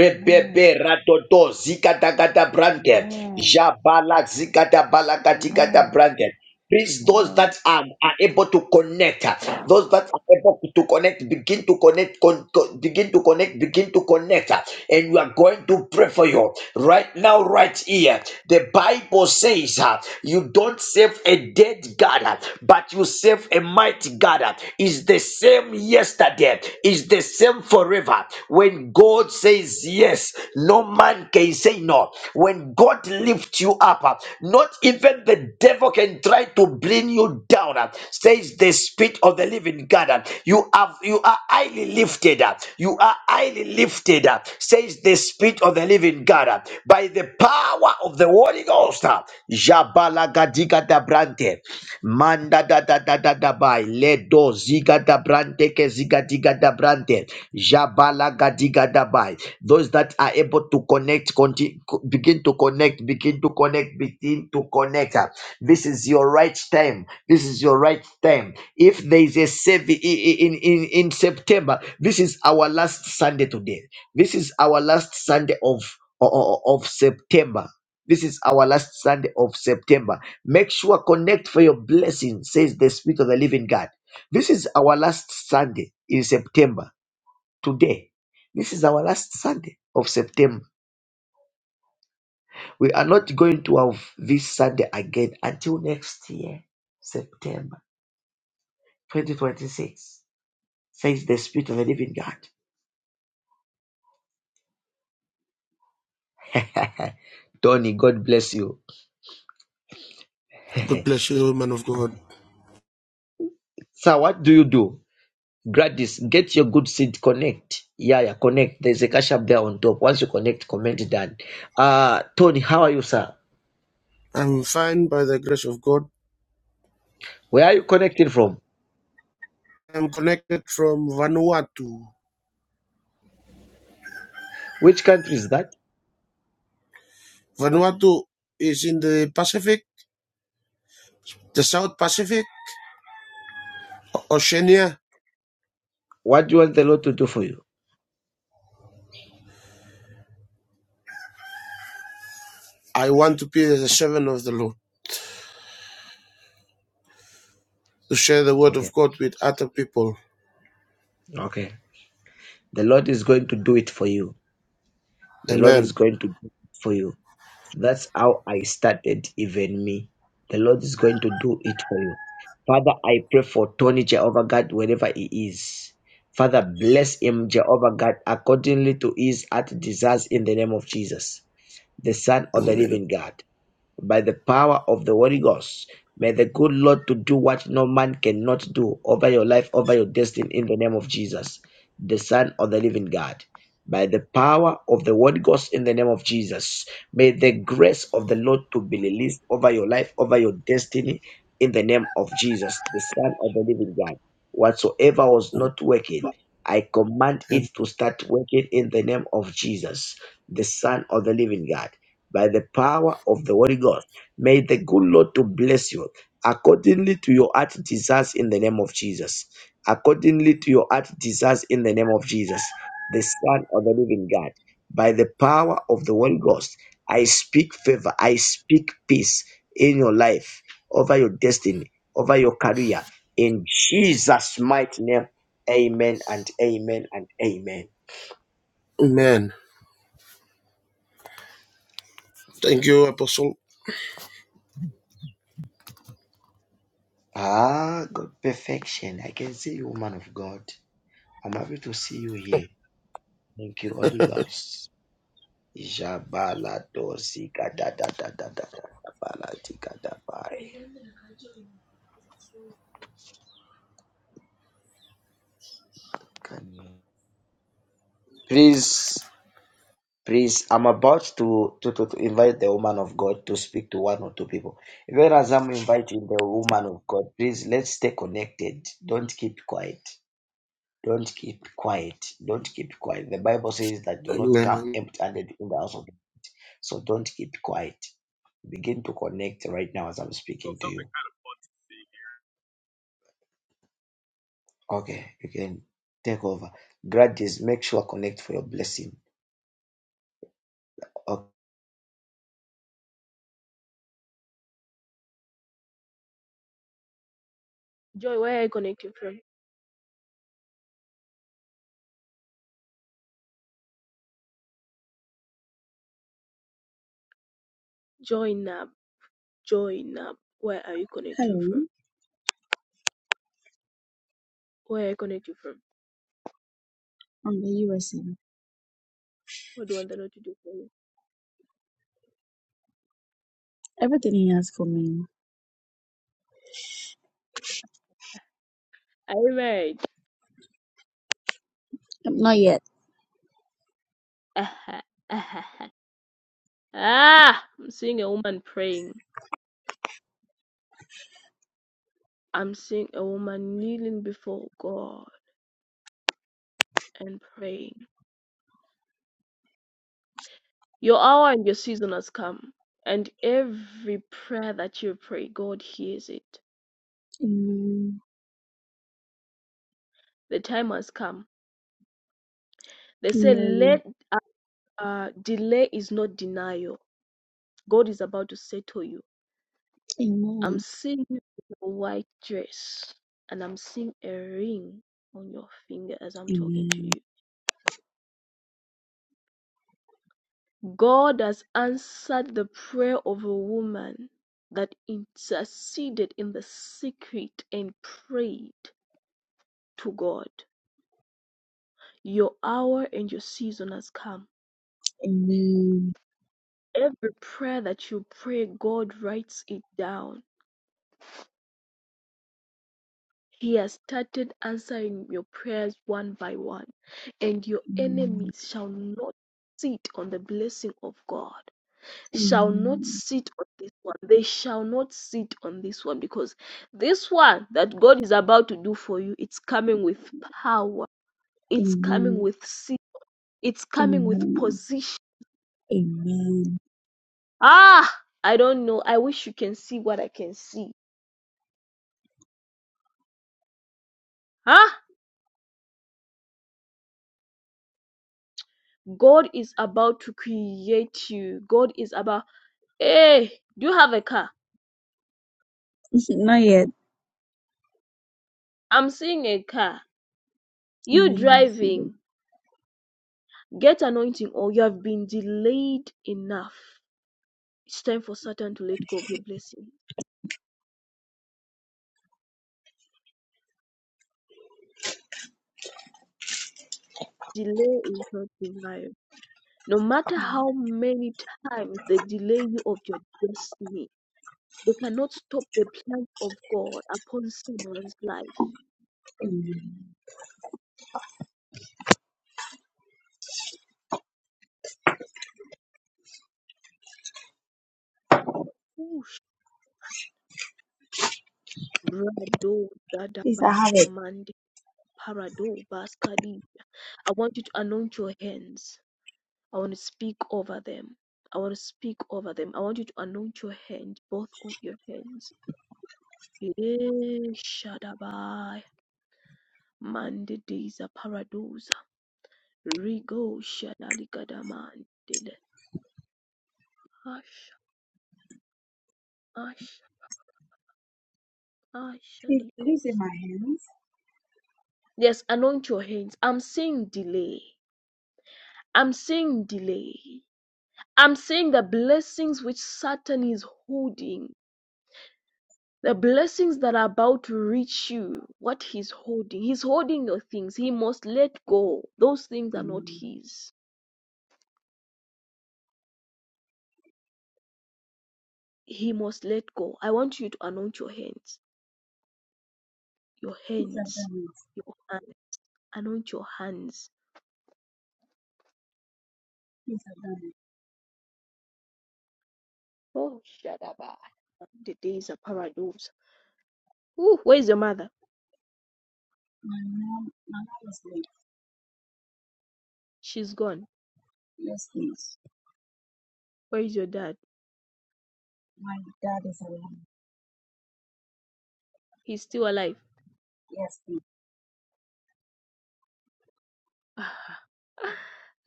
Speaker 7: Amen.
Speaker 2: Radodo Zikatagata Branke.
Speaker 7: Amen.
Speaker 2: Jabala Zikata Balakatikata
Speaker 7: Amen.
Speaker 2: Branke. Please, those
Speaker 7: Amen.
Speaker 2: that are, are able to connect, uh, those that are able to connect, begin to connect, con- co- begin to connect, begin to connect. uh, And we are going to pray for you right now, right here. The Bible says uh, you don't save a dead God, uh, but you save a mighty God. uh, Is the same yesterday, is the same forever. When God God says yes, no man can say no. When God lifts you up, uh, not even the devil can try to bring you down. uh, Says the Spirit of the Living God. uh, You have you are highly lifted up. You are highly lifted up. Says the Spirit of the Living God. uh, By the power of the Holy Ghost. uh, Jabala gadiga da Brante. Manda da da da da da by Ledo ziga da brante ke ziga diga da brante. Jabala gadiga da by. Those that are able to connect, conti- co- begin to connect, begin to connect, begin to connect. Ah, This is your right time. This is your right time. If there is a save in, in, in September, this is our last Sunday today. This is our last Sunday of, of, of September. This is our last Sunday of September. Make sure connect for your blessing, says the Spirit of the Living God. This is our last Sunday in September. Today, this is our last Sunday of September. We are not going to have this Sunday again until next year, September 2026, says the Spirit of the Living God. Tony, God bless you.
Speaker 8: God bless you, man of God.
Speaker 2: so, what do you do? Gladys, get your good seed connect. Yeah, yeah, connect. There's a cash up there on top. Once you connect, comment it down. Uh Tony, how are you, sir?
Speaker 8: I'm fine by the grace of God.
Speaker 2: Where are you connecting from?
Speaker 8: I'm connected from Vanuatu.
Speaker 2: Which country is that?
Speaker 8: Vanuatu is in the Pacific, the South Pacific, Oceania.
Speaker 2: What do you want the Lord to do for you?
Speaker 8: I want to be the servant of the Lord, to share the word of
Speaker 2: Okay.
Speaker 8: God with other people.
Speaker 2: Okay. The Lord is going to do it for you. The Lord is
Speaker 8: Amen.
Speaker 2: going to do it for you. That's how I started, even me. The Lord is going to do it for you. Father, I pray for Tony, Jehovah God, wherever he is. Father, bless him, Jehovah God, accordingly to his heart desires in the name of Jesus, the Son of the living God by the power of the Holy Ghost. May the good Lord to do what no man cannot do over your life, over your destiny, in the name of Jesus, the Son of the Living God. By the power of the Holy Ghost, in the name of Jesus, may the grace of the Lord to be released over your life, over your destiny, in the name of Jesus, the Son of the Living God. Whatsoever was not working, I command it to start working in the name of Jesus, the Son of the Living God by the power of the Holy Ghost. May the good Lord to bless you accordingly to your heart desires in the name of Jesus. Accordingly to your heart desires in the name of Jesus, the Son of the Living God. By the power of the Holy Ghost, I speak favor, I speak peace in your life, over your destiny, over your career. In Jesus' mighty name, amen and amen and amen.
Speaker 8: Amen. Thank you, Apostle.
Speaker 2: Ah, God, perfection. I can see you, man of God. I'm happy to see you here. Thank you, Holy Ghost. Jabala dosi gada da da da da da Jabaladozikadadadadadadadabaladigadaba. Please, please, I'm about to, to, to, to invite the woman of God to speak to one or two people. Even as I'm inviting the woman of God, please let's stay connected. Don't keep quiet. Don't keep quiet. Don't keep quiet. The Bible says that do not come
Speaker 8: Amen.
Speaker 2: empty handed in the house of God. So don't keep quiet. Begin to connect right now as I'm speaking to you. Okay, you can take over. Grudges, make sure connect for your blessing. Okay.
Speaker 1: Joy, where are you connecting from? Join up. Join up. Where are you connecting
Speaker 9: Hello,
Speaker 1: from? Where I connect you from?
Speaker 9: I'm the USA.
Speaker 1: What do I want the Lord to do for you?
Speaker 9: Everything he has for me.
Speaker 1: I read.
Speaker 9: Um, Not yet.
Speaker 1: ah, I'm seeing a woman praying. I'm seeing a woman kneeling before God and praying. Your hour and your season has come, and every prayer that you pray, God hears it.
Speaker 9: Amen.
Speaker 1: The time has come. They say,
Speaker 9: Amen.
Speaker 1: let uh, delay is not denial. God is about to settle you. I'm
Speaker 9: Amen.
Speaker 1: seeing you in a white dress and I'm seeing a ring on your finger as I'm talking to
Speaker 9: Amen.
Speaker 1: you. God has answered the prayer of a woman that interceded in the secret and prayed to God. Your hour and your season has come.
Speaker 9: Amen.
Speaker 1: Every prayer that you pray, God writes it down He has started answering your prayers one by one, and your
Speaker 9: Amen.
Speaker 1: enemies shall not sit on the blessing of God. Shall not sit on this one. They shall not sit on this one because this one that God is about to do for you, it's coming with power. It's coming
Speaker 9: Amen.
Speaker 1: with seat. It's coming with
Speaker 9: Amen.
Speaker 1: position.
Speaker 9: Amen. Amen.
Speaker 1: Ah, I don't know. I wish you can see what I can see. Huh? God is about to create you. God is about Hey, do you have a car?
Speaker 9: Not yet.
Speaker 1: I'm seeing a car. You
Speaker 9: Amen. I receive it.
Speaker 1: driving. Get anointing, or you have been delayed enough. It's time for Satan to let go of your blessing. Delay is not denial. No matter how many times they delay you of your destiny, they cannot stop the plan of God upon someone's life.
Speaker 9: Amen.
Speaker 1: Oosh. Brado
Speaker 9: Please, I have
Speaker 1: Gadabaya
Speaker 9: it.
Speaker 1: Mandi Parado Baskadi. I want you to anoint your hands. I want to speak over them. I want to speak over them. I want you to anoint your hand, both of your hands. Eh, Shadabai, Mandediza Paradosa, Rigo Shadalikadamandele, Ash, Ash, Ash,
Speaker 9: Please, it is
Speaker 1: Ligos.
Speaker 9: in my hands.
Speaker 1: Yes, anoint your hands. I'm seeing delay. I'm seeing delay. I'm seeing the blessings which Satan is holding the blessings that are about to reach you, what he's holding. He's holding your things. He must let go. Those things are not his. He must let go. I want you to anoint your hands. Your
Speaker 9: Please, I've
Speaker 1: hands.
Speaker 9: done it.
Speaker 1: Your hands. Anoint your hands.
Speaker 9: Please, I've done it.
Speaker 1: Oh, Shadaba. The days are paradise. Ooh, where is your mother?
Speaker 9: My mom, my mom is late.
Speaker 1: She's gone.
Speaker 9: Yes, please.
Speaker 1: Where is your dad?
Speaker 9: My dad is alive.
Speaker 1: He's still alive.
Speaker 9: Yes, please.
Speaker 1: ah,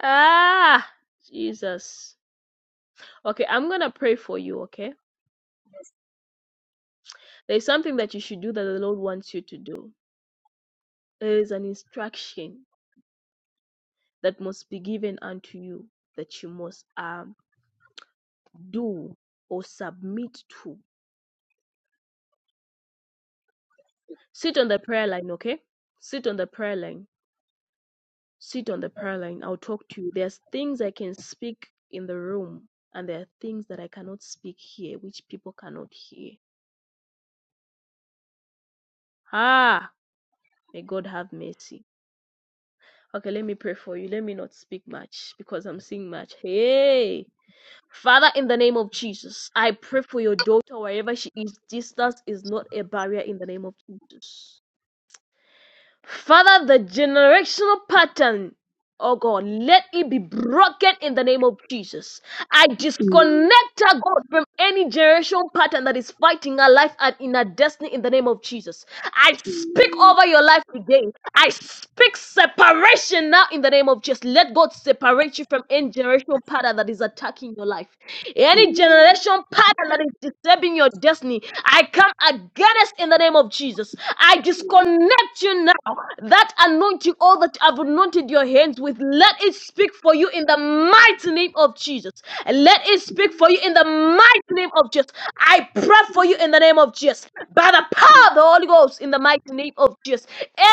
Speaker 1: Ah, Jesus. Okay, I'm gonna pray for you, okay? There's something that you should do that the Lord wants you to do. There is an instruction that must be given unto you that you must um, do or submit to. Sit on the prayer line, okay? Sit on the prayer line. Sit on the prayer line. I'll talk to you. There's things I can speak in the room, and there are things that I cannot speak here, which people cannot hear. Ah, may God have mercy. Okay, let me pray for you. Let me not speak much because I'm seeing much. Hey. Father, in the name of Jesus, I pray for your daughter wherever she is. Distance is not a barrier in the name of Jesus. Father, the generational pattern, oh God, let it be broken in the name of Jesus. I
Speaker 9: Amen.
Speaker 1: disconnect her, God, from any generational pattern that is fighting her life and in her destiny in the name of Jesus. I speak
Speaker 9: Amen.
Speaker 1: over your life today. I speak separation now in the name of Jesus. Let God separate you from any generational pattern that is attacking your life. Any generation pattern that is disturbing your destiny, I come against in the name of Jesus. I disconnect you now. That anointing, all that I've anointed your hands with, let it speak for you in the mighty name of Jesus. Let it speak for you in the mighty name of Jesus. I pray for you in the name of Jesus. By the
Speaker 9: Amen.
Speaker 1: power of the Holy Ghost, in the mighty name of Jesus.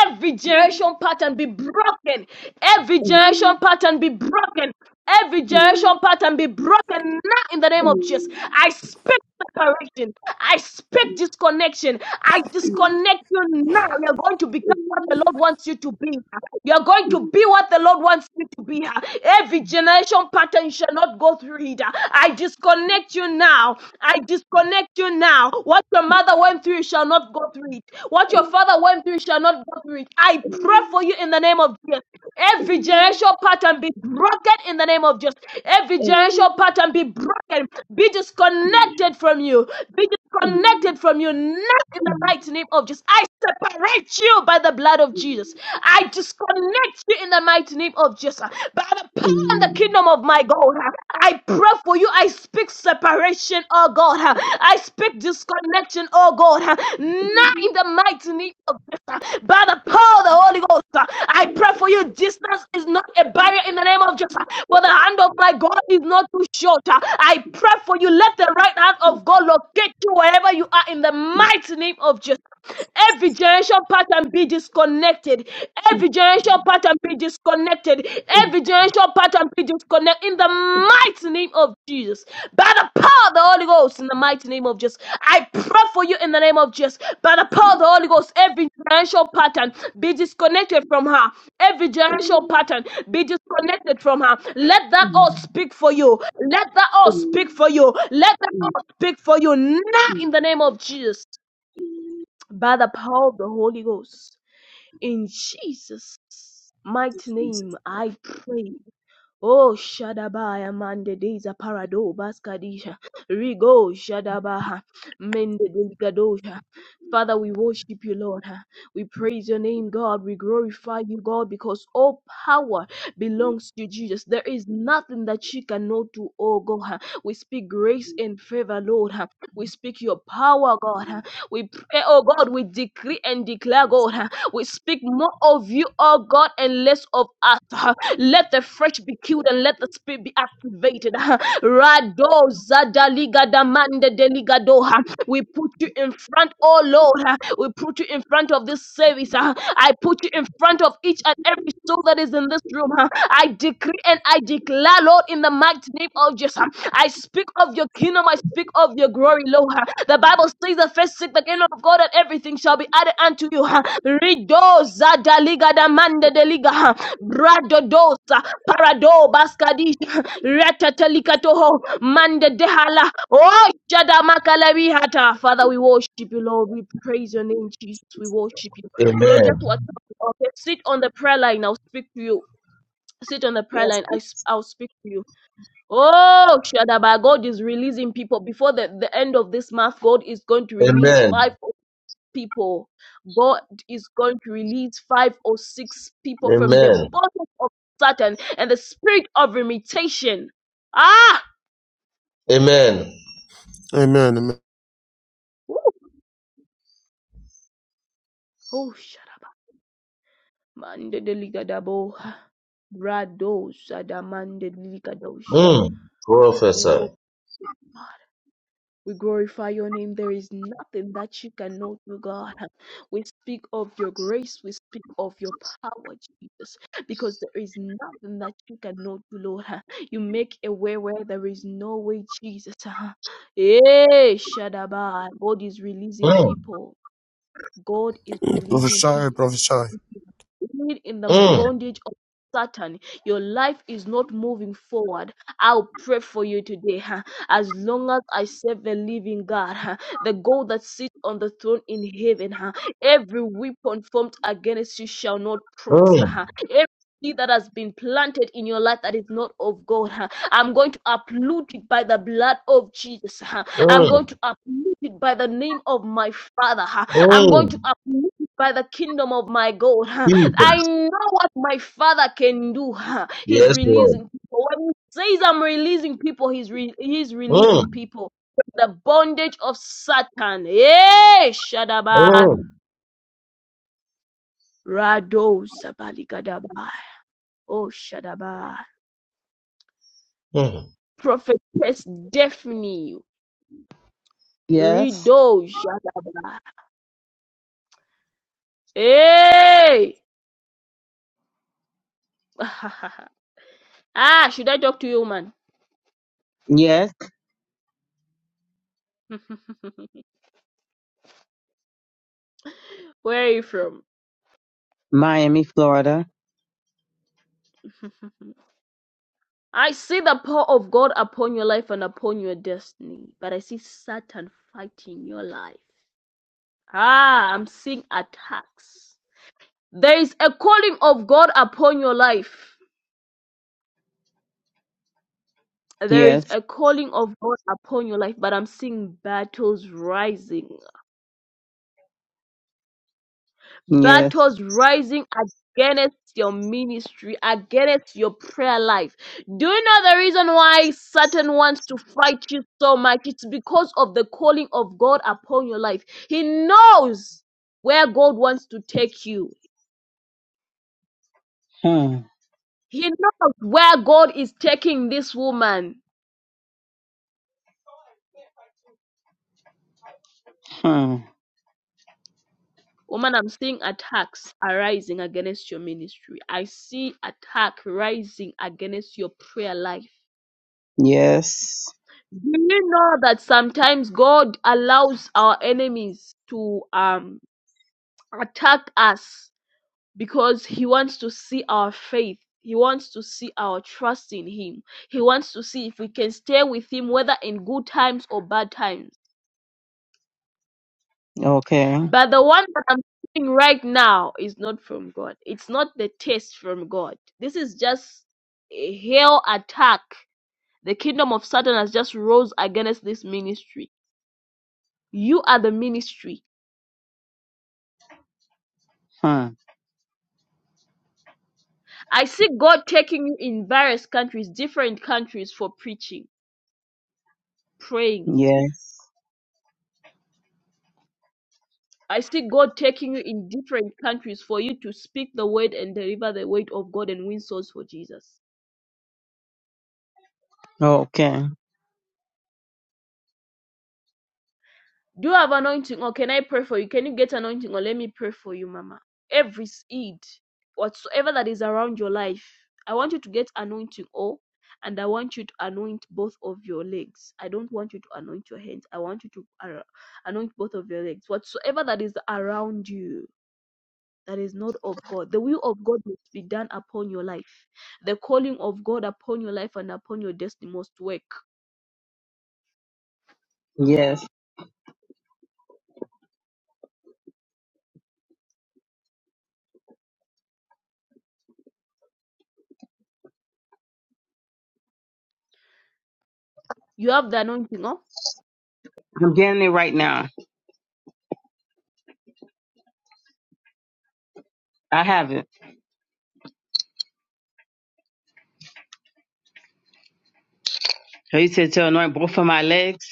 Speaker 1: Every generation pattern be broken. Every generation pattern be broken. Every generation pattern be broken now in the name of Jesus. I speak separation. I speak disconnection. I disconnect you now. You're going to become what the Lord wants you to be. You're going to be what the Lord wants you to be. Every generation pattern shall not go through it. I disconnect you now. I disconnect you now. What your mother went through you shall not go go through it. What your father went through, you shall not go through it. I pray for you in the name of Jesus. Every generational pattern be broken in the name of Jesus. Every generational pattern be broken. Be disconnected from you. Be disconnected from you. Not in the mighty name of Jesus. I separate you by the blood of Jesus. I disconnect you in the mighty name of Jesus. By the power and the kingdom kingdom of my God. I pray for you. I speak separation, oh God. I speak disconnection, oh God. Now in the mighty name of Jesus, by the power of the Holy Ghost, I pray for you. Distance is not a barrier in the name of Jesus. For the hand of my God is not too short. I pray for you. Let the right hand of God locate you wherever you are in the mighty name of Jesus. Every generation pattern be disconnected. Every generation pattern be disconnected. Every generation pattern be disconnected. In the mighty name of Jesus. By the power of the Holy Ghost. In the mighty name of Jesus. I pray for you in the name of Jesus. By the power of the Holy Ghost. Every generation pattern be disconnected from her. Every generation pattern be disconnected from her. Let that all speak for you. Let that all speak for you. Let that all speak for you now in the name of Jesus by the power of the Holy Ghost. In Jesus' mighty name, I pray. Oh Shadabaya Mandediza Parado Baskadisha Rigo Shadabaha Mendedigadosha. Father, we worship you, Lord. We praise your name, God. We glorify you, God, because all power belongs to Jesus. There is nothing that you cannot do, oh God. We speak grace and favor, Lord. We speak your power, God. We pray, oh God, we decree and declare, God. We speak more of you, oh God, and less of us. Let the flesh be killed and let the spirit be activated. Rado zadaliga damande deligadoha. We put you in front, oh Lord. We put you in front of this service. I put you in front of each and every soul that is in this room. I decree and I declare, Lord, in the mighty name of Jesus. I speak of your kingdom. I speak of your glory, Lord. The Bible says that first seek the kingdom of God and everything shall be added unto you. Rido zadaliga damande deliga. Bradodosa, Parado, Baskadish, Ratatalikatoho, Manda Dehala, Oh, Shadamakalabi Hata. Father, we worship you, Lord. We praise your name, Jesus. We worship you. Lord,
Speaker 10: Amen.
Speaker 1: just what okay. Sit on the prayer line. I'll speak to you. Sit on the prayer line. I,
Speaker 9: Yes,
Speaker 1: s- I'll speak to you. Oh, Shadaba, God is releasing people. Before the, the end of this month, God is going to release
Speaker 10: Amen.
Speaker 1: five people. God is going to release five or six people from the
Speaker 10: Amen.
Speaker 1: bottom of Satan and the spirit of imitation. Ah!
Speaker 10: Amen.
Speaker 8: Amen. Amen.
Speaker 1: Woo! Oh, shut up. Mande delikadabo. Brado shadaman delikadosha.
Speaker 10: Mm.
Speaker 1: We will.
Speaker 10: Prophesy.
Speaker 1: We glorify your name. There is nothing that you cannot do, God. We speak of your grace. We speak of your power, Jesus, because there is nothing that you cannot do, Lord. You make a way where there is no way, Jesus. Hey, Shadaba. God is releasing
Speaker 10: Mm.
Speaker 1: people. God is releasing people
Speaker 8: Prophesy, prophesy.
Speaker 1: lead in the
Speaker 10: Mm.
Speaker 1: bondage of Satan. Your life is not moving forward. I'll pray for you today. huh. As long as I serve the living God, huh, the God that sits on the throne in heaven, huh, every weapon formed against you shall not prosper.
Speaker 10: Mm.
Speaker 1: huh. Every seed that has been planted in your life that is not of God, huh, I'm going to uproot it by the blood of Jesus. huh. I'm going
Speaker 10: Mm.
Speaker 1: to uproot it by the name of my Father. huh. I'm
Speaker 10: Mm.
Speaker 1: going to uproot by the kingdom of my God.
Speaker 10: Jesus.
Speaker 1: I know what my Father can do. He's
Speaker 10: Yes, Lord.
Speaker 1: releasing people. When he says I'm releasing people, he's re- he's
Speaker 10: Mm.
Speaker 1: releasing people. from The bondage of Satan. eh? Shadaba.
Speaker 10: Mm.
Speaker 1: Rado Sabaligadaba. Oh, Shadaba.
Speaker 10: Mm.
Speaker 1: Prophetess Daphne.
Speaker 11: Yes,
Speaker 1: Rido Shadaba. Hey. ah, should I talk to you, man?
Speaker 11: yes,
Speaker 1: Where are you from?
Speaker 11: Miami, Florida.
Speaker 1: I see the power of God upon your life and upon your destiny, but I see Satan fighting your life. Ah, I'm seeing attacks. There is a calling of God upon your life. There is
Speaker 11: Yes,
Speaker 1: a calling of God upon your life, but I'm seeing battles rising.
Speaker 11: yes.
Speaker 1: battles rising against your ministry, against your prayer life. Do you know the reason why Satan wants to fight you so much? It's because of the calling of God upon your life. He knows where God wants to take you,
Speaker 11: Hmm,
Speaker 1: he knows where God is taking this woman.
Speaker 11: hmm.
Speaker 1: Woman, I'm seeing attacks arising against your ministry. I see attack rising against your prayer life.
Speaker 11: Yes.
Speaker 1: Do you know that sometimes God allows our enemies to um, attack us because He wants to see our faith? He wants to see our trust in Him. He wants to see if we can stay with Him, whether in good times or bad times.
Speaker 11: Okay.
Speaker 1: But the one that I'm seeing right now is not from God. It's not the test from God. This is just a hell attack. The kingdom of Satan has just rose against this ministry. You are the ministry
Speaker 11: Hmm.
Speaker 1: I see God taking you in various countries, different countries for preaching, praying.
Speaker 11: Yes.
Speaker 1: I see God taking you in different countries for you to speak the word and deliver the word of God and win souls for Jesus.
Speaker 11: Okay.
Speaker 1: Do you have anointing? Or can I pray for you? Can you get anointing? Or let me pray for you, Mama. Every seed, whatsoever that is around your life, I want you to get anointing Oh, And I want you to anoint both of your legs. I don't want you to anoint your hands. I want you to ar- anoint both of your legs. Whatsoever that is around you that is not of God, the will of God must be done upon your life. The calling of God upon your life and upon your destiny must work.
Speaker 11: Yes.
Speaker 1: You have the anointing, oh?
Speaker 11: I'm getting it right now. I have it. So you said to anoint both of my legs.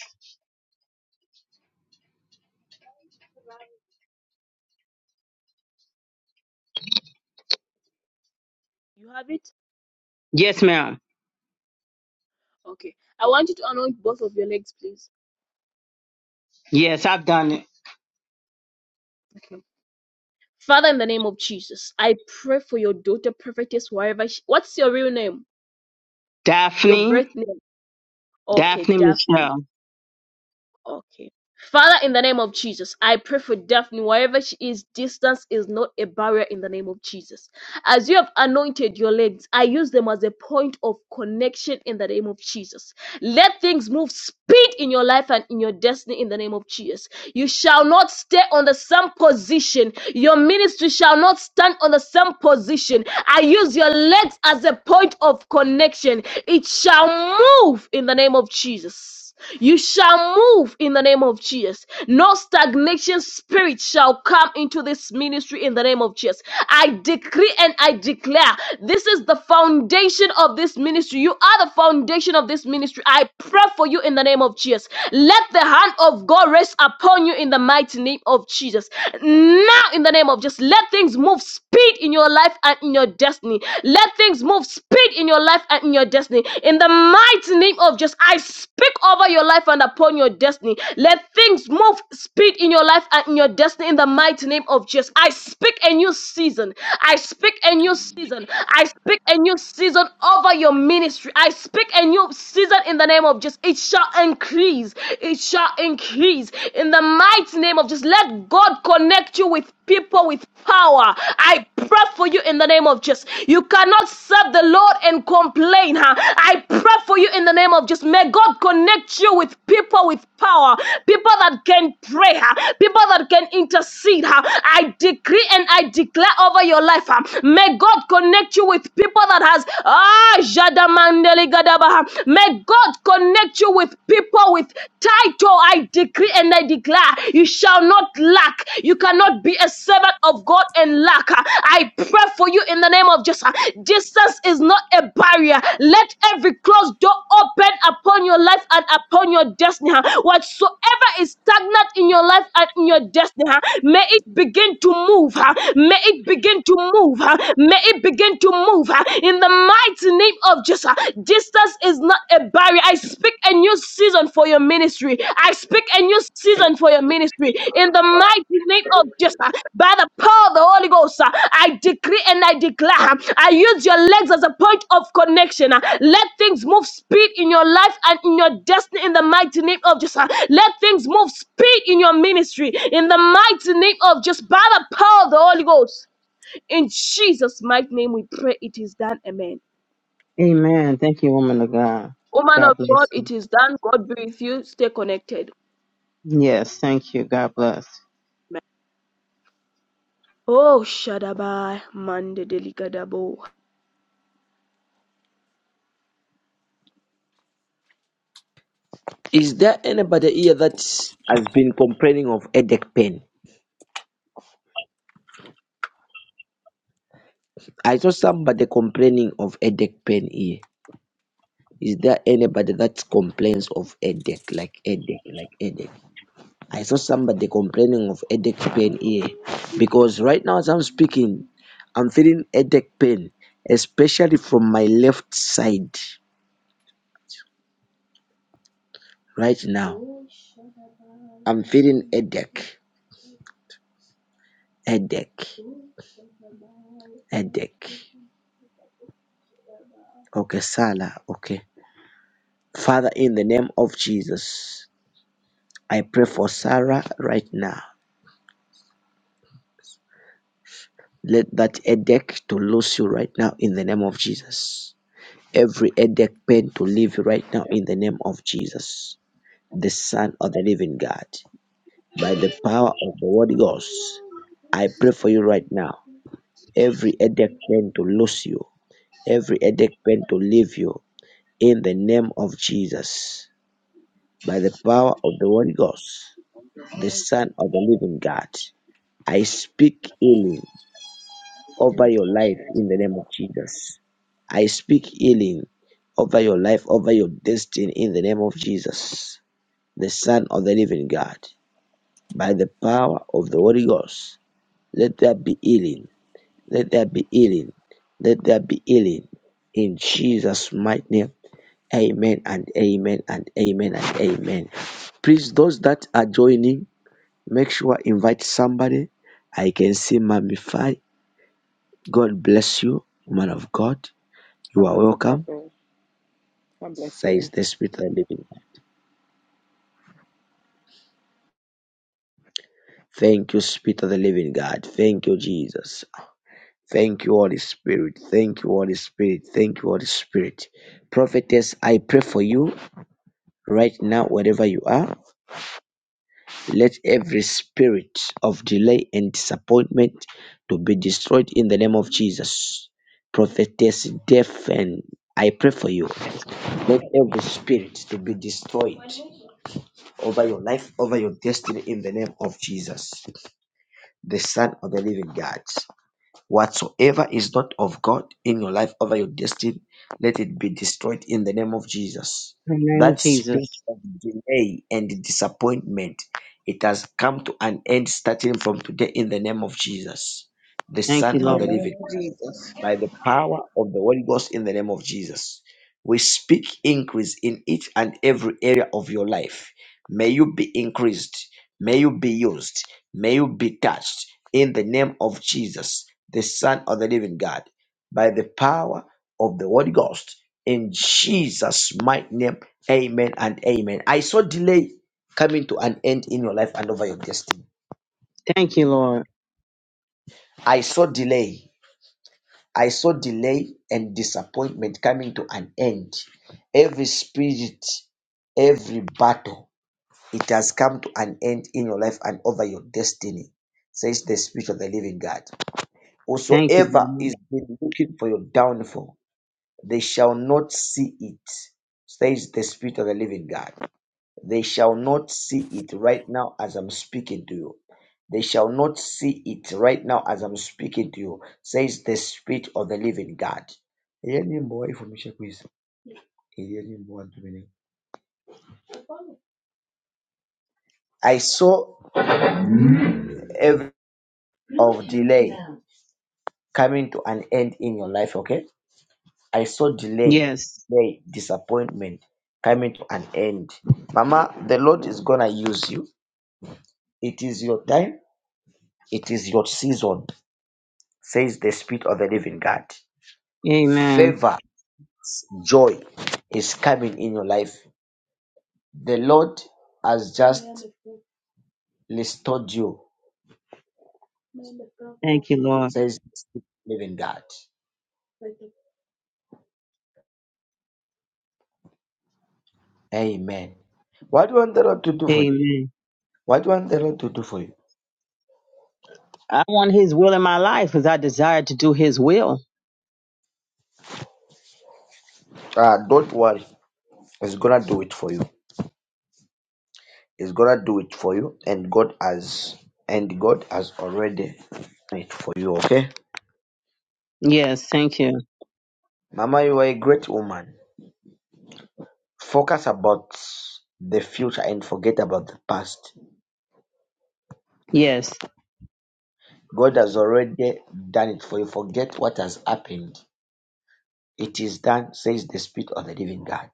Speaker 1: You have it?
Speaker 11: Yes, ma'am.
Speaker 1: Okay. I want you to anoint both of your legs, please.
Speaker 11: Yes, I've done it.
Speaker 1: Okay. Father, in the name of Jesus, I pray for your daughter prophetess, wherever she. What's your real name? Your
Speaker 11: Daphne,
Speaker 1: birth name? Okay,
Speaker 11: Daphne
Speaker 1: Daphne.
Speaker 11: Michelle.
Speaker 1: Okay. Father, in the name of Jesus, I pray for Daphne. Wherever she is, distance is not a barrier in the name of Jesus. As you have anointed your legs, I use them as a point of connection in the name of Jesus. Let things move speed in your life and in your destiny in the name of Jesus. You shall not stay on the same position. Your ministry shall not stand on the same position. I use your legs as a point of connection. It shall move in the name of Jesus. Jesus. You shall move in the name of Jesus. No stagnation spirit shall come into this ministry in the name of Jesus. I decree and I declare this is the foundation of this ministry. You are the foundation of this ministry. I pray for you in the name of Jesus. Let the hand of God rest upon you in the mighty name of Jesus. Now, in the name of Jesus, let things move speed in your life and in your destiny. Let things move of speed in your life and in your destiny. In the mighty name of Jesus, I speak over your life and upon your destiny. Let things move speed in your life and in your destiny. In the mighty name of Jesus, I speak a new season. I speak a new season. I speak a new season over your ministry. I speak a new season in the name of Jesus. It shall increase. It shall increase in the mighty name of Jesus. Let God connect you with people with power. I pray for you in the name of Jesus. You cannot serve the Lord and complain. Huh? I pray for you in the name of Jesus. May God connect you with people with power, people that can pray, huh? people that can intercede. Huh? I decree and I declare over your life. Huh? May God connect you with people that has ah Jadamandeli Gadabaha. May God connect you with people with tight Tonight, oh, I decree and I declare, you shall not lack. You cannot be a servant of God and lack. I pray for you in the name of Jesus. Distance is not a barrier. Let every closed door open upon your life and upon your destiny. Whatsoever is stagnant in your life and in your destiny, may it begin to move. May it begin to move. May it begin to move. In the mighty name of just uh, distance is not a barrier. I speak a new season for your ministry. I speak a new season for your ministry in the mighty name of Jesus. uh, by the power of the Holy Ghost, uh, I decree and I declare. uh, I use your legs as a point of connection. uh, let things move speed in your life and in your destiny in the mighty name of Jesus. uh, let things move speed in your ministry in the mighty name of just by the power of the Holy Ghost. In Jesus' mighty name, we pray it is done. Amen.
Speaker 11: Amen. Thank you, woman of God.
Speaker 1: Woman of
Speaker 11: God
Speaker 1: God,
Speaker 11: bless you.
Speaker 1: it is done. God be with you. Stay connected.
Speaker 11: Yes, thank you. God bless.
Speaker 1: Amen. Oh, Shadaba, Mande Deligadabo.
Speaker 2: Is there anybody here that has been complaining of headache pain? I saw somebody complaining of headache pain here. Is there anybody that complains of headache, like headache, like headache? I saw somebody complaining of headache pain here because right now as I'm speaking, I'm feeling headache pain, especially from my left side right now. I'm feeling headache, headache, headache. Okay, Sarah, okay. Father, in the name of Jesus, I pray for Sarah right now. Let that headache to lose you right now in the name of Jesus. every headache pain to leave right now in the name of Jesus, the Son of the Living God, by the power of the Holy Ghost. I pray for you right now. Every headache pain to lose you, every headache pain to leave you in the name of Jesus, by the power of the Holy Ghost, the Son of the Living God. I speak healing over
Speaker 12: Yes,
Speaker 2: your
Speaker 12: that's
Speaker 2: life
Speaker 12: true. That's
Speaker 2: in the
Speaker 12: true.
Speaker 2: name of Jesus. I speak healing over your life, over your destiny in the name of Jesus, the Son of the living God. By the power of the Holy Ghost, let there be healing. Let there be healing. Let there be healing. In Jesus' mighty name, amen and amen and amen and amen. Please, those that are joining, make sure invite somebody. I can see Mamify. God bless you, man of God. You
Speaker 12: God
Speaker 2: are
Speaker 12: bless you,
Speaker 2: welcome,
Speaker 12: Prophet. God bless you.
Speaker 2: says the Spirit of the Living God. Thank you, Spirit of the Living God. Thank you, Jesus. Thank you, Holy Spirit. Thank you, Holy Spirit. Thank you, Holy Spirit. Prophetess, I pray for you right now, wherever you are. Let every spirit of delay and disappointment to be destroyed in the name of Jesus. Prophetess, deafen. I pray for you.
Speaker 11: Yes.
Speaker 2: Let every spirit to be destroyed over your life, over your destiny in the name of Jesus, the Son of the Living God. Whatsoever is not of God in your life, over your destiny, let it be destroyed in the name of Jesus.
Speaker 11: In the name of
Speaker 2: That spirit
Speaker 11: Jesus.
Speaker 2: of delay and disappointment, it has come to an end starting from today in the name of Jesus, the
Speaker 11: Thank you,
Speaker 2: Son
Speaker 13: In
Speaker 2: of
Speaker 13: the
Speaker 11: Lord.
Speaker 2: the
Speaker 13: name
Speaker 2: Living
Speaker 13: of Jesus.
Speaker 2: by the power of the Holy Ghost in the name of Jesus. We speak increase in each and every area of your life. May you be increased. May you be used. May you be touched in the name of Jesus, the Son of the living God, by the power of the Holy Ghost. In Jesus' mighty name, amen and amen. I saw delay coming to an end in your life and over your destiny.
Speaker 11: Thank you, Lord.
Speaker 2: I saw delay I saw delay and disappointment coming to an end. Every spirit, every battle, it has come to an end in your life and over your destiny, says the Spirit of the Living God.
Speaker 11: Thank you,
Speaker 2: Whosoever
Speaker 11: Lord.
Speaker 2: is been looking for your downfall, they shall not see it, says the Spirit of the Living God. They shall not see it right now as I'm speaking to you. They shall not see it right now as I'm speaking to you, says the Spirit of the living God. Hear me more information, please. Hear me more, Dominic. I saw every of delay coming to an end in your life, okay? I saw delay,
Speaker 11: Yes.
Speaker 2: delay, disappointment coming to an end. Mama, the Lord is gonna use you. It is your time, it is your season, says the Spirit of the living God.
Speaker 11: Amen.
Speaker 2: favor, joy is coming in your life. The Lord has just restored you,
Speaker 11: Thank you, Lord.
Speaker 2: says the living God. Amen. What do you want the Lord to do for you?
Speaker 11: Amen.
Speaker 2: What do you want the Lord to do for you?
Speaker 11: I want his will in my life because I desire to do his will.
Speaker 2: Uh, don't worry. He's gonna do it for you. He's gonna do it for you, and God has and God has already done it for you, okay?
Speaker 11: Yes. Thank you.
Speaker 2: Mama, you are a great woman. Focus about the future and forget about the past.
Speaker 11: Yes.
Speaker 2: God has already done it for you. Forget what has happened. It is done, says the Spirit of the living God.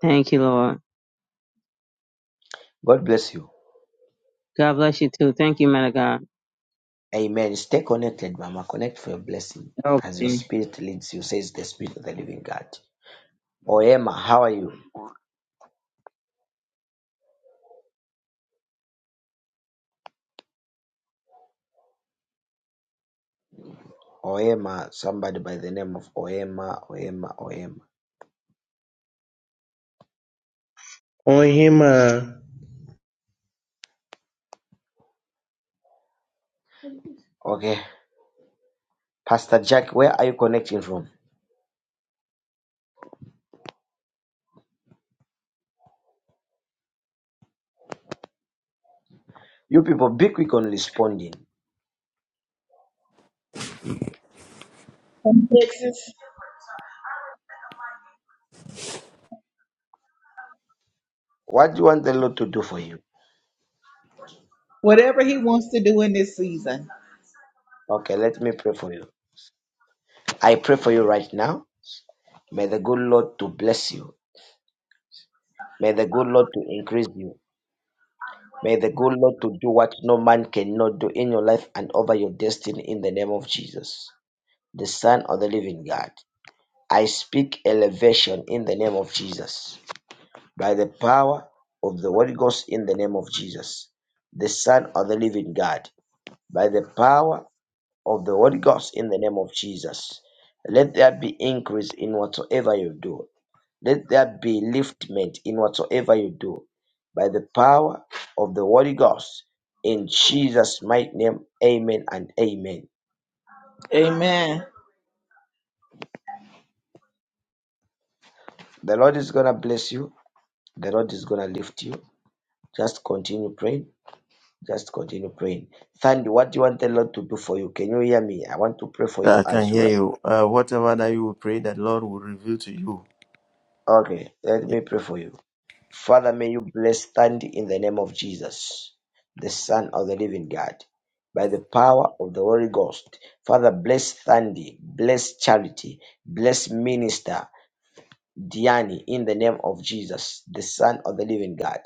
Speaker 11: Thank you, Lord.
Speaker 2: God bless you.
Speaker 11: God bless you too. Thank you, man of God.
Speaker 2: Amen. Stay connected, Mama. Connect for your blessing as your
Speaker 11: Okay.
Speaker 2: spirit leads you, says the Spirit of the living God. Oema, how are you? Oema, somebody by the name of Oema, Oema, Oema.
Speaker 10: On him, uh,
Speaker 2: Okay. Pastor Jack, where are you connecting from? You people, be quick on responding.
Speaker 13: Fixes
Speaker 2: What do you want the Lord to do for you?
Speaker 13: whatever he wants to do in this season.
Speaker 2: Okay, let me pray for you. I pray for you right now May the good Lord to bless you. May the good Lord to increase you. May the good Lord to do what no man cannot do in your life and over your destiny in the name of Jesus, the Son of the living God. I speak elevation in the name of Jesus by the power of the Holy Ghost in the name of Jesus, the Son of the living God, by the power of the Holy Ghost in the name of Jesus. Let there be increase in whatsoever you do Let there be liftment in whatsoever you do by the power of the Holy Ghost. In Jesus' mighty name, amen and amen.
Speaker 13: Amen.
Speaker 2: The Lord is going to bless you. The Lord is going to lift you. Just continue praying. Just continue praying. Sandy, what do you want the Lord to do for you? Can you hear me? I want to pray for
Speaker 14: Yeah,
Speaker 2: you
Speaker 14: I can
Speaker 2: as
Speaker 14: hear
Speaker 2: well.
Speaker 14: you. Uh, whatever that you will pray, that Lord will reveal to you.
Speaker 2: Okay, let
Speaker 14: Yeah.
Speaker 2: me pray for you. Father, may you bless stand in the name of Jesus, the Son of the Living God, by the power of the Holy Ghost. Father, bless Thandi, bless Charity, bless Minister Diani in the name of Jesus, the Son of the Living God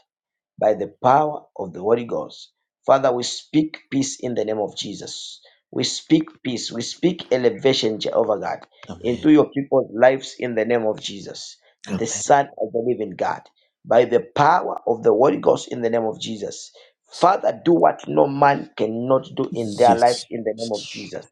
Speaker 2: by the power of the Holy Ghost. Father, we speak peace in the name of Jesus. We speak peace. We speak elevation, Jehovah God,
Speaker 14: Amen.
Speaker 2: into your people's lives in the name of Jesus, the
Speaker 14: Amen.
Speaker 2: Son of the living God, by the power of the Holy Ghost in the name of Jesus. Father, do what no man cannot do in their lives
Speaker 14: Yes.
Speaker 2: in the name of Jesus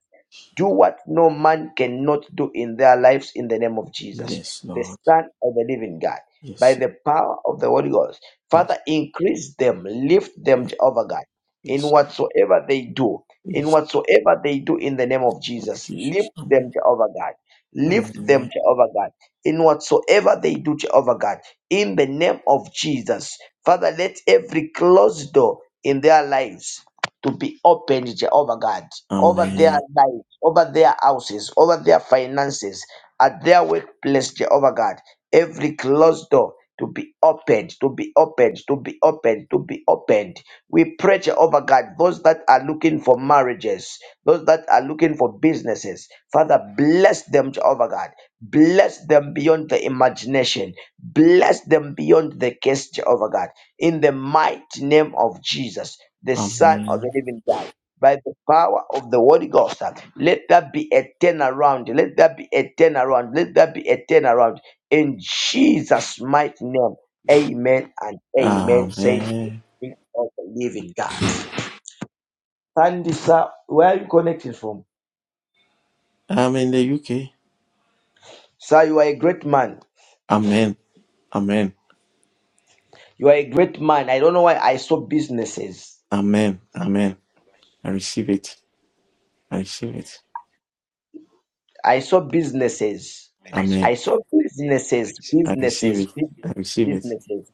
Speaker 2: do what no man cannot do in their lives in the name of Jesus,
Speaker 14: Yes,
Speaker 2: the
Speaker 14: Lord.
Speaker 2: Son of the Living God, by
Speaker 14: Yes.
Speaker 2: the power of the Holy Ghost.
Speaker 14: Yes.
Speaker 2: Father, increase them, lift them,
Speaker 14: Yes.
Speaker 2: Jehovah God, in
Speaker 14: Yes.
Speaker 2: whatsoever they do, in
Speaker 14: Yes.
Speaker 2: whatsoever they do in the name of
Speaker 14: Oh,
Speaker 2: Jesus. Lift
Speaker 14: Jesus. Amen.
Speaker 2: them, Jehovah God. Lift them,
Speaker 14: Amen.
Speaker 2: Jehovah God, in whatsoever they do, Jehovah God, in the name of Jesus. Father, let every closed door in their lives to be opened, Jehovah God, over their
Speaker 14: Amen.
Speaker 2: lives, over their houses, over their finances, at their workplace, Jehovah God. Every closed door to be opened, to be opened, to be opened, to be opened. We pray, Jehovah God, those that are looking for marriages, those that are looking for businesses, Father, bless them, Jehovah God. Bless them beyond the imagination. Bless them beyond the case, Jehovah God in the mighty name of Jesus, the Son of
Speaker 14: Amen.
Speaker 2: the Living God. By the power of the Holy Ghost, uh, let that be a turnaround. Let that be a turnaround. Let that be a turnaround. In Jesus' mighty name, amen and amen. Say,
Speaker 14: Amen.
Speaker 2: Spirit of the living God. Sandy, sir, where are you connecting from?
Speaker 14: I'm in the UK.
Speaker 2: Sir, you are a great man.
Speaker 14: Amen. Amen.
Speaker 2: You are a great man. I don't know why I saw businesses.
Speaker 14: Amen. Amen.
Speaker 15: Amen.
Speaker 14: I receive it. I receive it.
Speaker 2: I saw businesses.
Speaker 15: I saw
Speaker 14: Amen.
Speaker 2: I saw
Speaker 15: witnesses.
Speaker 2: businesses,
Speaker 14: I receive
Speaker 2: businesses,
Speaker 14: it. I
Speaker 2: businesses,
Speaker 14: receive it.
Speaker 2: businesses.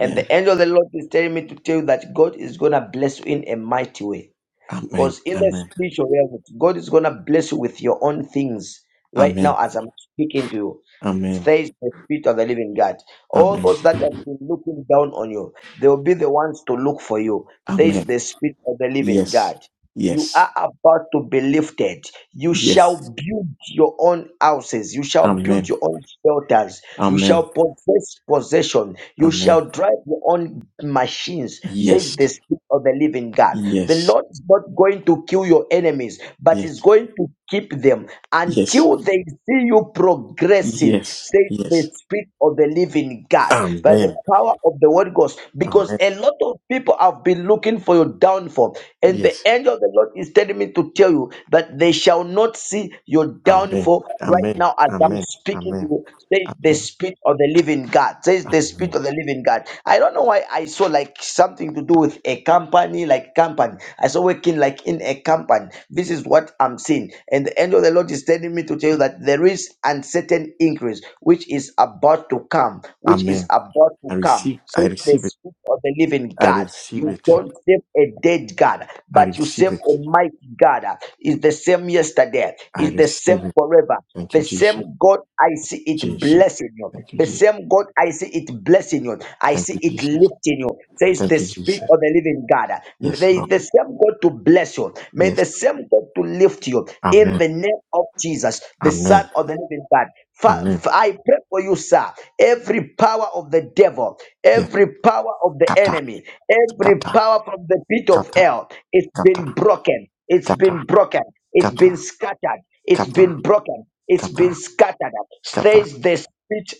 Speaker 2: And
Speaker 14: Yeah.
Speaker 2: the angel of the Lord is telling me to tell you that God is going to bless you in a mighty way.
Speaker 14: Amen.
Speaker 2: Because in the
Speaker 14: Amen.
Speaker 2: spiritual realm, God is going to bless you with your own things right now
Speaker 14: Amen.
Speaker 2: as I'm speaking to you.
Speaker 14: Amen.
Speaker 2: Says the Spirit of the Living God. All
Speaker 14: Amen.
Speaker 2: those that have been looking down on you, they will be the ones to look for you. Says
Speaker 14: Amen.
Speaker 2: the Spirit of the Living
Speaker 14: Yes.
Speaker 2: God. You
Speaker 14: Yes.
Speaker 2: are about to be lifted. You shall
Speaker 14: Yes.
Speaker 2: build your own houses. You shall build
Speaker 14: Amen.
Speaker 2: your own shelters. You shall
Speaker 14: Amen.
Speaker 2: possess possession. You
Speaker 14: Amen.
Speaker 2: shall drive your own machines, says
Speaker 14: Yes.
Speaker 2: the Spirit of the living God. The
Speaker 14: Yes.
Speaker 2: Lord is not going to kill your enemies, but is
Speaker 14: Yes.
Speaker 2: going to keep them
Speaker 14: Yes.
Speaker 2: until they see you progressing,
Speaker 14: Yes.
Speaker 2: says the
Speaker 14: Yes.
Speaker 2: Spirit of the Living God, by the
Speaker 14: Amen.
Speaker 2: power of the Word Ghost. Because
Speaker 14: Amen.
Speaker 2: a lot of people have been looking for your downfall, and the
Speaker 14: Yes.
Speaker 2: angel of the Lord is telling me to tell you that they shall not see your
Speaker 14: Amen.
Speaker 2: downfall right
Speaker 14: Amen.
Speaker 2: now as I'm
Speaker 14: Amen.
Speaker 2: speaking to
Speaker 14: Amen.
Speaker 2: you, says the
Speaker 14: Amen.
Speaker 2: Spirit of the Living God, says the Spirit
Speaker 14: Amen.
Speaker 2: of the Living God. I don't know why I. I saw like something to do with a company, like company. I saw working like in a company. This is what I'm seeing. And the angel of the Lord is telling me to tell you that there is uncertain increase which is about to come, which is
Speaker 14: Amen.
Speaker 2: about
Speaker 14: I
Speaker 2: to come.
Speaker 14: receive. I
Speaker 2: So the
Speaker 14: receive it.
Speaker 2: spirit of the living
Speaker 14: I
Speaker 2: God.
Speaker 14: receive
Speaker 2: You
Speaker 14: it.
Speaker 2: don't serve a dead God,
Speaker 14: I
Speaker 2: but you
Speaker 14: receive
Speaker 2: serve a
Speaker 14: it.
Speaker 2: mighty God. Is the same yesterday,
Speaker 14: I
Speaker 2: is the same
Speaker 14: receive it.
Speaker 2: forever.
Speaker 14: Thank
Speaker 2: The
Speaker 14: you,
Speaker 2: same
Speaker 14: Jesus.
Speaker 2: God I see it
Speaker 14: Jesus.
Speaker 2: blessing you.
Speaker 14: Thank you,
Speaker 2: The
Speaker 14: Jesus.
Speaker 2: same God I see it blessing you. I
Speaker 14: Thank
Speaker 2: see
Speaker 14: you,
Speaker 2: it
Speaker 14: Jesus.
Speaker 2: lifting you. Says the
Speaker 14: Thank you,
Speaker 2: Spirit
Speaker 14: Jesus.
Speaker 2: of the Living God.
Speaker 14: Yes,
Speaker 2: May
Speaker 14: Lord.
Speaker 2: the same God to bless you. May the
Speaker 14: Yes.
Speaker 2: same God to lift you
Speaker 14: Amen.
Speaker 2: in the name of Jesus, the
Speaker 14: Amen.
Speaker 2: Son of the Living God. Fa-
Speaker 14: Amen.
Speaker 2: fa- I pray for you, sir. Every power of the devil,
Speaker 14: Yes.
Speaker 2: every power of the
Speaker 14: Kata.
Speaker 2: enemy, every
Speaker 14: Kata.
Speaker 2: power from the pit of
Speaker 14: Kata.
Speaker 2: hell, it's
Speaker 14: Kata.
Speaker 2: been broken. It's
Speaker 14: Kata.
Speaker 2: been broken. It's
Speaker 14: Kata.
Speaker 2: been scattered. It's
Speaker 14: Kata.
Speaker 2: been broken. It's
Speaker 14: Kata.
Speaker 2: been scattered.
Speaker 14: Kata.
Speaker 2: Says the spirit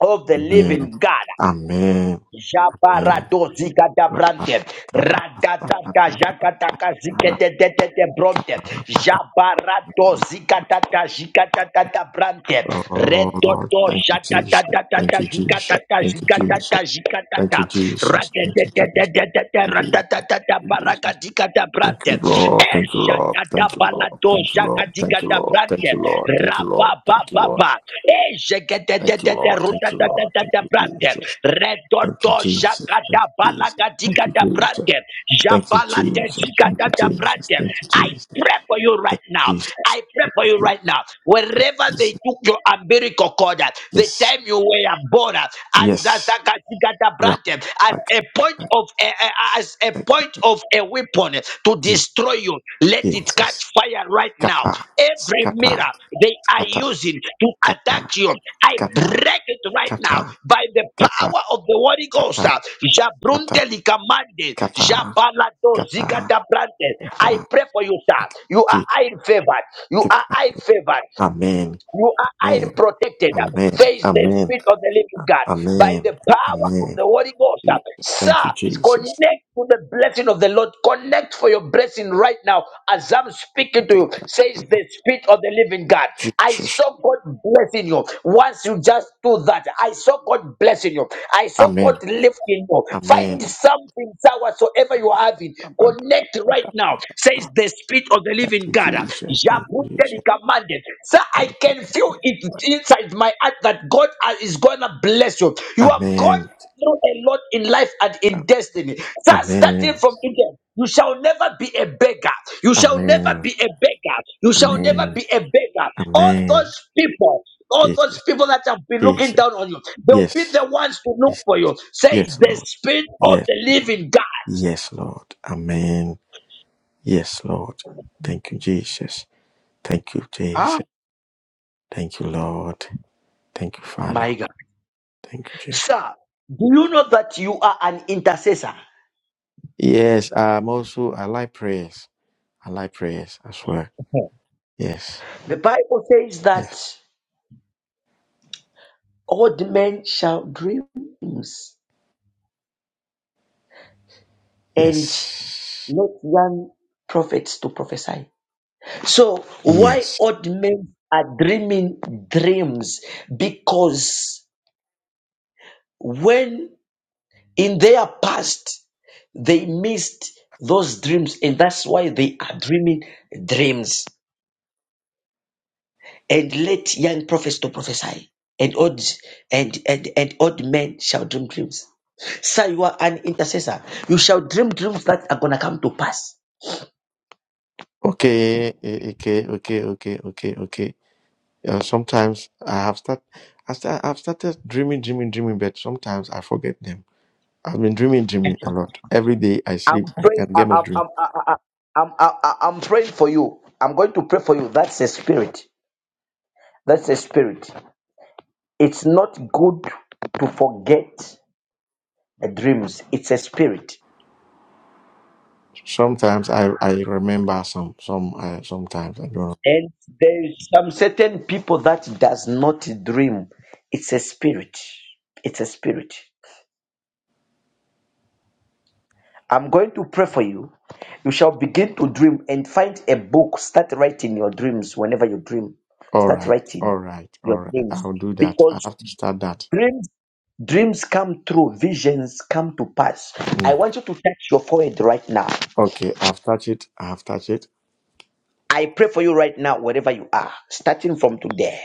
Speaker 2: of the
Speaker 14: Amen.
Speaker 2: living God.
Speaker 14: Amen. Amen.
Speaker 2: Jabaradozika da
Speaker 14: Kata.
Speaker 2: brante,
Speaker 14: Kata.
Speaker 2: radadada
Speaker 14: Kata.
Speaker 2: jakataka
Speaker 14: rapa, kara,
Speaker 2: zikete de de de bronte,
Speaker 14: Kata. rapa, Kata. rapa,
Speaker 2: jabaradozika da
Speaker 14: pasta.
Speaker 2: da zikata da da brante,
Speaker 14: Oh Lord,
Speaker 2: redodo
Speaker 14: thank you, Jesus.
Speaker 2: jatata da da
Speaker 14: Thank
Speaker 2: da
Speaker 14: you,
Speaker 2: zikata
Speaker 14: Jesus.
Speaker 2: da
Speaker 14: Thank you,
Speaker 2: zikata
Speaker 14: Jesus.
Speaker 2: da zikata
Speaker 14: Thank you,
Speaker 2: da,
Speaker 14: Jesus. Thank you,
Speaker 2: radadada da
Speaker 14: Jesus.
Speaker 2: da da da
Speaker 14: Thank you,
Speaker 2: radadada da
Speaker 14: Jesus.
Speaker 2: barakadika da
Speaker 14: Thank you,
Speaker 2: brante.
Speaker 14: Lord. Thank you,
Speaker 2: Esha
Speaker 14: Lord.
Speaker 2: kata
Speaker 14: Thank you, Lord.
Speaker 2: balado
Speaker 14: Thank you, Lord.
Speaker 2: shakati
Speaker 14: Thank you,
Speaker 2: kata
Speaker 14: Lord.
Speaker 2: brante
Speaker 14: Thank you, Lord. Thank you,
Speaker 2: raba
Speaker 14: Lord.
Speaker 2: ba
Speaker 14: Thank you,
Speaker 2: ba
Speaker 14: Lord.
Speaker 2: ba. Esha kete te
Speaker 14: Thank you,
Speaker 2: te
Speaker 14: Lord. Thank you, Lord. Thank you,
Speaker 2: Eshakatabaladozhakatikatabrante.
Speaker 14: Jesus.
Speaker 2: Rabababa. Esheketetateteterutatatatatabrante.
Speaker 14: Thank you, Jesus. Thank you, Jesus. Thank you, Jesus.
Speaker 2: Redodozhakatabalakatikatabrante.
Speaker 14: Thank you, Jesus. Thank you, Jesus. Thank you, Jesus.
Speaker 2: Jabalatezikatabrante.
Speaker 14: Thank you,
Speaker 2: I
Speaker 14: Jesus.
Speaker 2: pray for you right
Speaker 14: Thank you,
Speaker 2: now.
Speaker 14: Jesus.
Speaker 2: I pray for you right now.
Speaker 14: Thank
Speaker 2: Wherever
Speaker 14: you,
Speaker 2: they
Speaker 14: Jesus.
Speaker 2: took your umbilical cord, at, the
Speaker 14: Yes.
Speaker 2: time you were born, at, as that
Speaker 14: Yes.
Speaker 2: brand,
Speaker 14: Rabba.
Speaker 2: as
Speaker 14: Thank
Speaker 2: a
Speaker 14: you,
Speaker 2: point
Speaker 14: thank
Speaker 2: of a, a- as a
Speaker 14: you,
Speaker 2: point
Speaker 14: thank
Speaker 2: of a weapon to
Speaker 14: you,
Speaker 2: destroy you, let it
Speaker 14: Jesus.
Speaker 2: catch fire right now now.
Speaker 14: Scatter.
Speaker 2: Every
Speaker 14: Scatter.
Speaker 2: mirror they are
Speaker 14: Scatter.
Speaker 2: using to
Speaker 14: Scatter.
Speaker 2: attack you, I
Speaker 14: Scatter.
Speaker 2: break it right now
Speaker 14: Scatter.
Speaker 2: by the
Speaker 14: Scatter.
Speaker 2: power of the Holy Ghost.
Speaker 14: kata
Speaker 2: uh,
Speaker 14: kata
Speaker 2: Jabrunte likamande,
Speaker 14: kata
Speaker 2: jabalado
Speaker 14: kata
Speaker 2: zikatabrante.
Speaker 14: kata
Speaker 2: I pray for you, sir. You are
Speaker 14: ji-
Speaker 2: highly favored. You are
Speaker 14: kit-
Speaker 2: highly favored.
Speaker 14: amen
Speaker 2: You are
Speaker 14: amen
Speaker 2: highly protected.
Speaker 14: amen
Speaker 2: Face the
Speaker 14: amen
Speaker 2: Spirit of the living God by
Speaker 14: amen
Speaker 2: the power of
Speaker 14: amen
Speaker 2: the Holy Ghost. uh.
Speaker 14: Je- thank you
Speaker 2: Sir,
Speaker 14: jesus
Speaker 2: connect to the blessing of the Lord. Connect for your blessing right now as I'm speaking to you, says the Spirit of the living God. I
Speaker 14: jesus
Speaker 2: saw God blessing you. Once you just do that, I saw God blessing you. I saw God
Speaker 14: amen
Speaker 2: lifting you.
Speaker 14: amen
Speaker 2: Find something, sir, whatsoever you are having. Connect right now, says the Spirit of of the
Speaker 14: thank
Speaker 2: living
Speaker 14: you
Speaker 2: God.
Speaker 14: jesus thank you
Speaker 2: Jabuteli
Speaker 14: jesus
Speaker 2: commanded. Sir, I can feel it inside my heart that God is gonna bless you. You have gone
Speaker 14: amen
Speaker 2: through a lot in life and in destiny. Sir, starting
Speaker 14: amen
Speaker 2: from today, you shall never be a beggar. You shall never
Speaker 14: amen
Speaker 2: be a beggar. You shall never
Speaker 14: amen
Speaker 2: be a beggar. All
Speaker 14: amen
Speaker 2: those people. All those
Speaker 14: jesus
Speaker 2: people that have been looking
Speaker 14: jesus
Speaker 2: down on you, they'll be the
Speaker 14: yes
Speaker 2: ones to look for you. Say
Speaker 14: Yes,
Speaker 2: the
Speaker 14: Lord.
Speaker 2: spirit of
Speaker 14: Yes,
Speaker 2: the
Speaker 14: Lord.
Speaker 2: living God.
Speaker 14: Yes, Lord. Amen. Yes, Lord. Thank you, Jesus. Thank you,
Speaker 2: Ah,
Speaker 14: Jesus. Thank you, Lord. Thank you, Father.
Speaker 2: my God.
Speaker 14: Thank you, Jesus.
Speaker 2: Sir, do you know that you are an intercessor?
Speaker 14: Yes, I'm also, I like prayers. I like prayers as well. Yes,
Speaker 2: The Bible says
Speaker 14: yes,
Speaker 2: that old men shall dream dreams and
Speaker 14: yes,
Speaker 2: not young prophets to prophesy. So, why
Speaker 14: yes.
Speaker 2: old men are dreaming dreams? Because when in their past they missed those dreams, and that's why they are dreaming dreams. and let young prophets to prophesy, and old and and, and old men shall dream dreams. Sir, you are an intercessor. You shall dream dreams that are gonna come to pass.
Speaker 14: Okay, eh, okay, okay, okay, okay, okay. Uh, sometimes I have start, I start, I've started dreaming, dreaming, dreaming, but sometimes I forget them. I've been dreaming Jimmy a lot. Every day I sleep,
Speaker 2: I'm
Speaker 14: I
Speaker 2: praying.
Speaker 14: can
Speaker 2: I,
Speaker 14: get my
Speaker 2: I'm,
Speaker 14: dream.
Speaker 2: I'm, I, I, I'm, I, I- I'm praying for you. I'm going to pray for you. That's a spirit. That's a spirit. It's not good to forget the dreams. It's a spirit.
Speaker 14: Sometimes I, I remember some some uh, sometimes I don't.
Speaker 2: And there is some certain people that does not dream. It's a spirit. It's a spirit. I'm going to pray for you. You shall begin to dream and find a book. Start writing your dreams whenever you dream.
Speaker 14: All
Speaker 2: Start
Speaker 14: right,
Speaker 2: writing
Speaker 14: all right,
Speaker 2: your
Speaker 14: all right.
Speaker 2: dreams
Speaker 14: I'll do that. I
Speaker 2: because
Speaker 14: have to start that.
Speaker 2: dreams dreams come true, visions come to pass. I
Speaker 14: Mm.
Speaker 2: want you to touch your forehead right now.
Speaker 14: Okay, I've touched it. I have touched it.
Speaker 2: I pray for you right now, wherever you are, starting from today.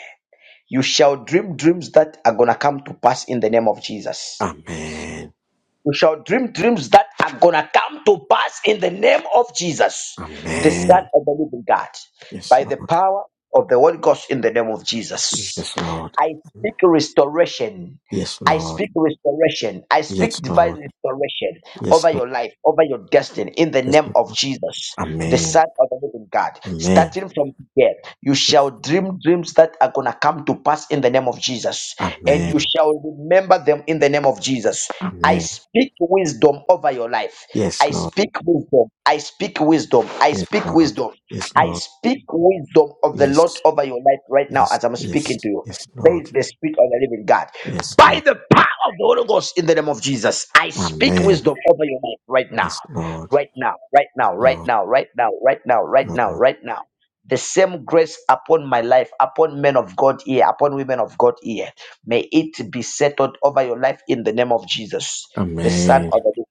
Speaker 2: You shall dream dreams that are gonna come to pass in the name of Jesus.
Speaker 14: Amen.
Speaker 2: We shall dream dreams that are gonna come to pass in the name of Jesus, the Son
Speaker 14: Amen.
Speaker 2: of the Living God,
Speaker 14: Yes,
Speaker 2: by the
Speaker 14: Lord.
Speaker 2: power of the Holy Ghost in the name of Jesus.
Speaker 14: Yes, Lord.
Speaker 2: I speak restoration.
Speaker 14: Yes,
Speaker 2: I
Speaker 14: Lord.
Speaker 2: speak restoration. I speak
Speaker 14: Yes,
Speaker 2: divine
Speaker 14: Lord.
Speaker 2: restoration
Speaker 14: Yes,
Speaker 2: over
Speaker 14: Lord.
Speaker 2: your life, over your destiny, in the
Speaker 14: Yes,
Speaker 2: name of
Speaker 14: Lord.
Speaker 2: Jesus, the
Speaker 14: Amen.
Speaker 2: Son of the Living God.
Speaker 14: Amen.
Speaker 2: Starting from today, you
Speaker 14: Yes.
Speaker 2: shall dream dreams that are going to come to pass in the name of Jesus, and you
Speaker 14: Amen.
Speaker 2: shall remember them in the name of Jesus. I
Speaker 14: Amen.
Speaker 2: speak wisdom over your life.
Speaker 14: Yes,
Speaker 2: I
Speaker 14: Lord.
Speaker 2: speak wisdom. I speak wisdom. I
Speaker 14: Yes,
Speaker 2: speak
Speaker 14: Lord.
Speaker 2: wisdom.
Speaker 14: Yes,
Speaker 2: I
Speaker 14: Lord.
Speaker 2: speak wisdom of the Lord
Speaker 14: Yes.
Speaker 2: over your life right now
Speaker 14: Yes,
Speaker 2: as I'm speaking to
Speaker 14: yes,
Speaker 2: you.
Speaker 14: yes,
Speaker 2: There is
Speaker 14: Lord.
Speaker 2: the Spirit of the living God.
Speaker 14: Yes,
Speaker 2: By
Speaker 14: Lord.
Speaker 2: the power of the Holy Ghost in the name of Jesus, I speak
Speaker 14: Amen.
Speaker 2: wisdom over your life right now.
Speaker 14: Yes, Lord.
Speaker 2: Right now, right now, right
Speaker 14: Lord,
Speaker 2: now, right now, right now, right now,
Speaker 14: Lord.
Speaker 2: right now. The same grace upon my life, upon men of God here, upon women of God here. May it be settled over your life in the name of Jesus, the Son of
Speaker 14: Amen.
Speaker 2: the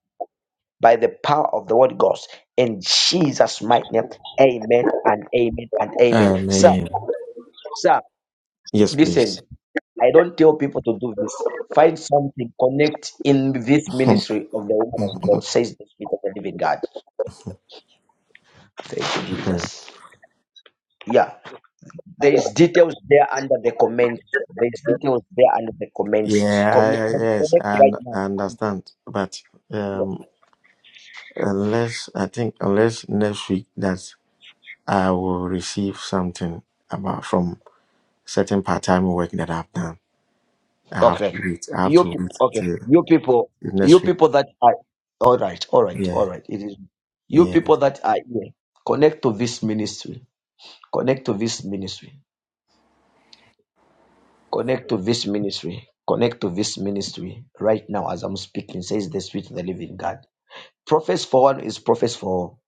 Speaker 2: by the power of the word God. In Jesus' mighty name, amen and amen and amen. Sir,
Speaker 14: Amen.
Speaker 2: sir,
Speaker 14: Yes, please.
Speaker 2: listen, I don't tell people to do this. Find something, connect in this ministry of the woman of God, says the Spirit of the living God. Thank you,
Speaker 14: Okay.
Speaker 2: Jesus. Yeah, there is details there under the comments. There is details there under the comments.
Speaker 14: yeah, I,
Speaker 2: Comment,
Speaker 14: I- yes,
Speaker 2: connect
Speaker 14: I,
Speaker 2: right
Speaker 14: un-
Speaker 2: now.
Speaker 14: I understand. But um, unless I think unless next week that I will receive something about from certain part-time work that I've done. I have to
Speaker 2: Okay.
Speaker 14: wait. I have
Speaker 2: You
Speaker 14: to
Speaker 2: pe-
Speaker 14: wait
Speaker 2: okay.
Speaker 14: till
Speaker 2: You people. You
Speaker 14: next week.
Speaker 2: people that are all right. All right. All
Speaker 14: Yeah,
Speaker 2: right. It is you
Speaker 14: yeah,
Speaker 2: people that are here. Connect to this ministry. Connect to this ministry. Connect to this ministry. Connect to this ministry right now as I'm speaking. Says the Spirit of the Living God. Prophets for one is prophets for all.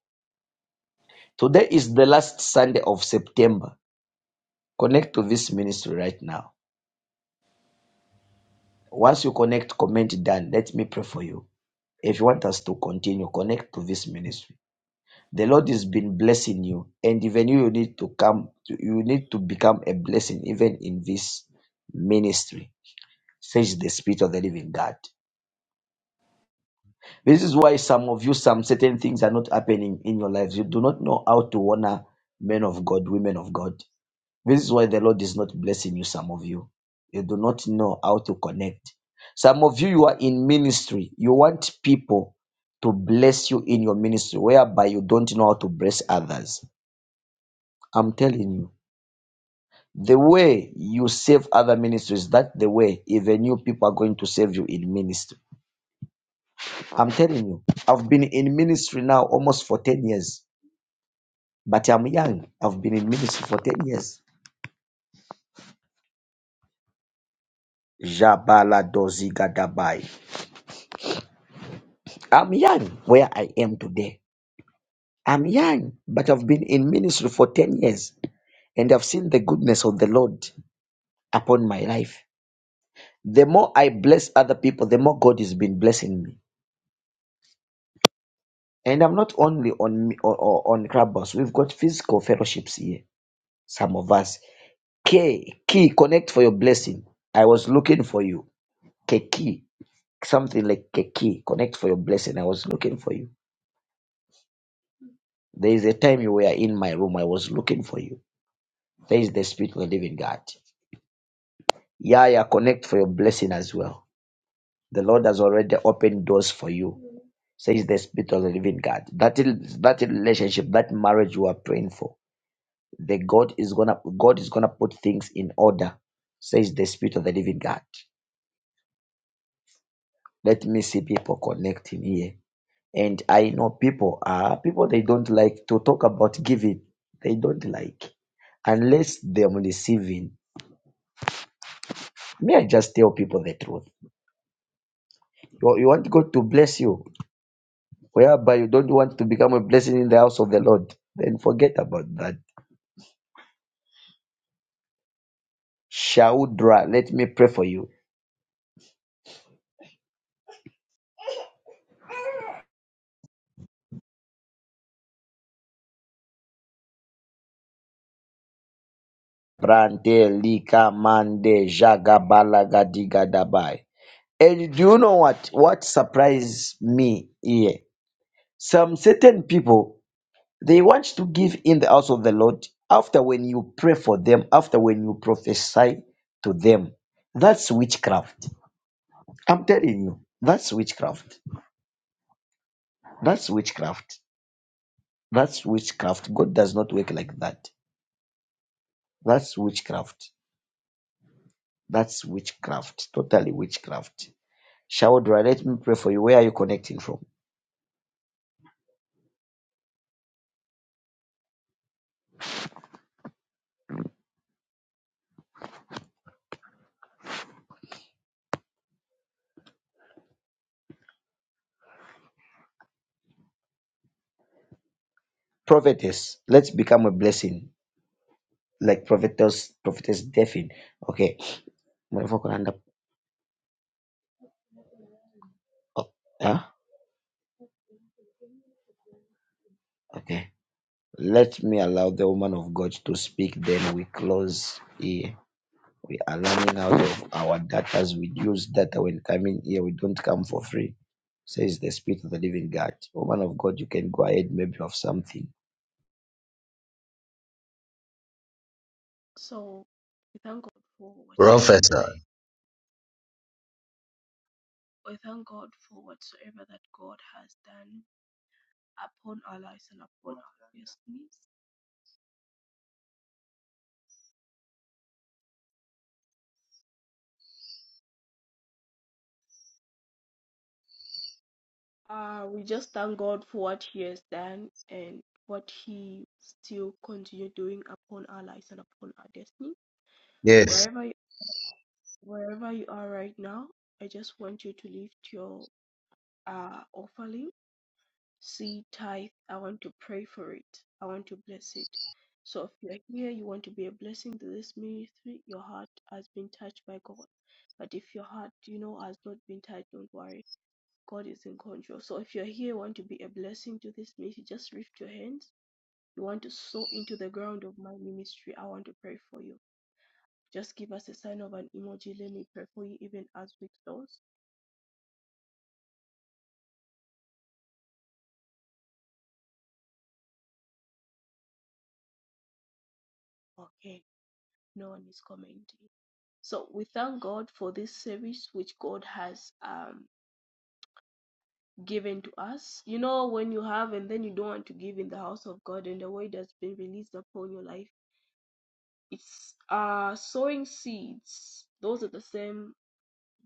Speaker 2: Today is the last Sunday of September. Connect to this ministry right now. Once you connect, comment done. Let me pray for you. If you want us to continue, connect to this ministry The Lord has been blessing you, and even you need to come, to, you need to become a blessing even in this ministry, says the Spirit of the Living God. This is why some of you, some certain things are not happening in your lives. You do not know how to honor men of God, women of God. This is why the Lord is not blessing you, some of you. You do not know how to connect. Some of you, you are in ministry. You want people to bless you in your ministry, whereby you don't know how to bless others. I'm telling you. The way you save other ministries, that the way even you people are going to save you in ministry. I'm telling you, I've been in ministry now almost for 10 years, but I'm young. I've been in ministry for 10 years. Jabala Dozigadabai. I'm young where I am today. I'm young, but I've been in ministry for 10 years and I've seen the goodness of the Lord upon my life. The more I bless other people, the more God has been blessing me. And I'm not only on me- or, or on Clubhouse. We've got physical fellowships here. Some of us. K key connect for your blessing. I was looking for you. Keki something like keki connect for your blessing. I was looking for you. There is a time you were in my room. I was looking for you. There is the spirit of the living God. Yeah, yeah. Connect for your blessing as well. The Lord has already opened doors for you. Says the spirit of the living God. That is that relationship, that marriage you are praying for the God is gonna God is gonna put things in order, says the Spirit of the Living God. Let me see people connecting here. And I know people are people they don't like to talk about giving. They don't like unless they're receiving. May I just tell people the truth. You, you want God to bless you, whereby you don't want to become a blessing in the house of the Lord, then forget about that. Shaudra, let me pray for you. Brante lika mande jagabala gadiga dabai. And do you know what? What surprised me here? Some certain people they want to give in the house of the Lord after when you pray for them, after when you prophesy to them. That's witchcraft. I'm telling you, that's witchcraft. That's witchcraft. That's witchcraft. God does not work like that. That's witchcraft. That's witchcraft. Totally witchcraft. Shaudra, let me pray for you. Where are you connecting from? Prophetess, let's become a blessing. like prophetess prophetess Daphne. Okay, my vocal hand up. up huh? Okay. Let me allow the woman of God to speak. Then we close here. We are running out of our data. we use data when coming here, we don't come for free. Says the Spirit of the Living God. Woman of God, you can go ahead. Maybe of something.
Speaker 1: So, we thank God for whatsoever that
Speaker 10: prophesy.
Speaker 1: I, we thank God for whatsoever that God has done upon our lives and upon our destinies. Uh, we just thank God for what He has done and what He still continue doing upon our lives and upon our destiny.
Speaker 10: Yes.
Speaker 1: Wherever you, wherever you are right now, I just want you to lift your uh offering See tithe, I want to pray for it. I want to bless it. So if you're here, you want to be a blessing to this ministry, your heart has been touched by God. But if your heart, you know, has not been touched, don't worry. God is in control. So if you're here, want to be a blessing to this ministry, just lift your hands. You want to sow into the ground of my ministry. I want to pray for you. Just give us a sign of an emoji. Let me pray for you even as we close. Okay. No one is commenting. So we thank God for this service which God has um, given to us. You know, when you have and then you don't want to give in the house of God and the word that's been released upon your life, it's uh, sowing seeds. Those are the same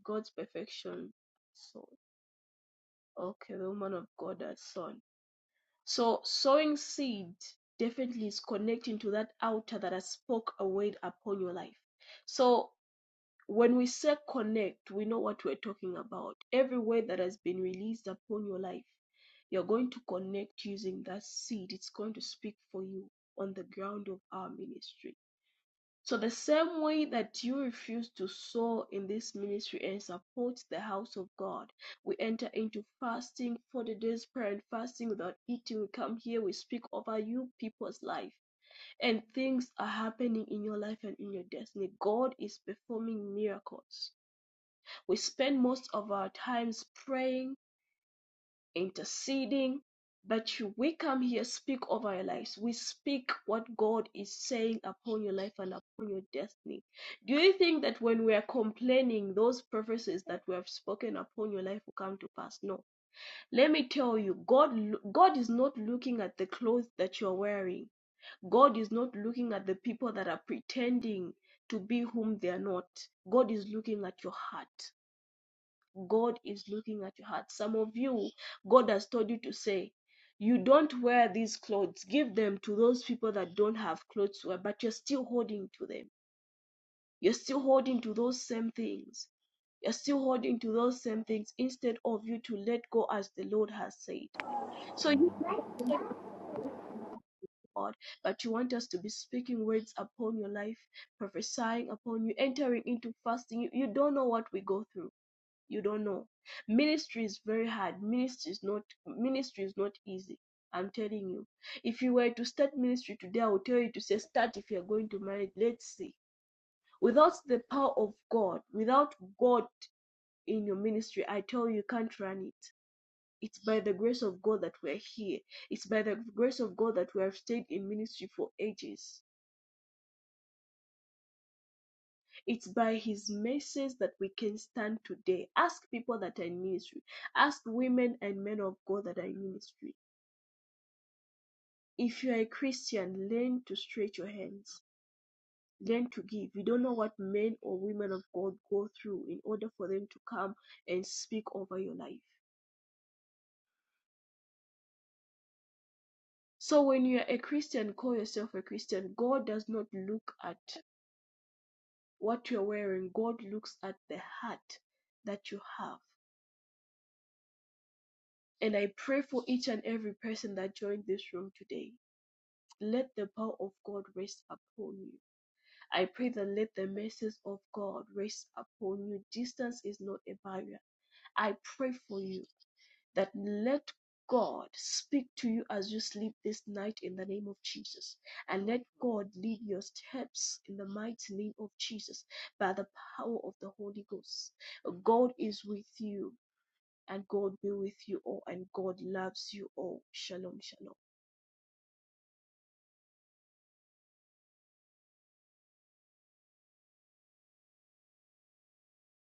Speaker 1: God's perfection. So, okay, the woman of God has sown. So, sowing seed definitely is connecting to that altar that has spoke a word upon your life. So, When we say connect, we know what we're talking about. Every word that has been released upon your life, you're going to connect using that seed. It's going to speak for you on the ground of our ministry. So, the same way that you refuse to sow in this ministry and support the house of God, we enter into fasting, for the days prayer and fasting without eating. We come here, we speak over you, people's life, and things are happening in your life and in your destiny. God is performing miracles. We spend most of our times praying, interceding, but you, we come here speak over our lives. We speak what God is saying upon your life and upon your destiny. Do you think that when we are complaining, those prophecies that we have spoken upon your life will come to pass? No. Let me tell you, God, God is not looking at the clothes that you are wearing. God is not looking at the people that are pretending to be whom they are not. God is looking at your heart. God is looking at your heart. Some of you, God has told you to say, you don't wear these clothes. Give them to those people that don't have clothes to wear, but you're still holding to them. You're still holding to those same things. You're still holding to those same things instead of you to let go as the Lord has said. So you
Speaker 16: Right?
Speaker 1: God, but you want us to be speaking words upon your life, prophesying upon you, entering into fasting. You, you don't know what we go through you don't know. Ministry is very hard. Ministry is not ministry is not easy. I'm telling you. If you were to start ministry today, I would tell you to say start if you're going to marry. Let's see. Without the power of God, without God in your ministry, I tell you, you can't run it. It's by the grace of God that we're here. It's by the grace of God that we have stayed in ministry for ages. It's by his message that we can stand today. Ask people that are in ministry. Ask women and men of God that are in ministry. If you are a Christian, learn to stretch your hands. Learn to give. You don't know what men or women of God go through in order for them to come and speak over your life. So when you're a Christian, call yourself a Christian. God does not look at what you're wearing. God looks at the heart that you have. And I pray for each and every person that joined this room today Let the power of God rest upon you. I pray that let the mercies of God rest upon you. Distance is not a barrier. I pray for you that let God speak to you as you sleep this night in the name of Jesus. And let God lead your steps in the mighty name of Jesus by the power of the Holy Ghost. God is with you and God be with you all and God loves you all. Shalom, shalom.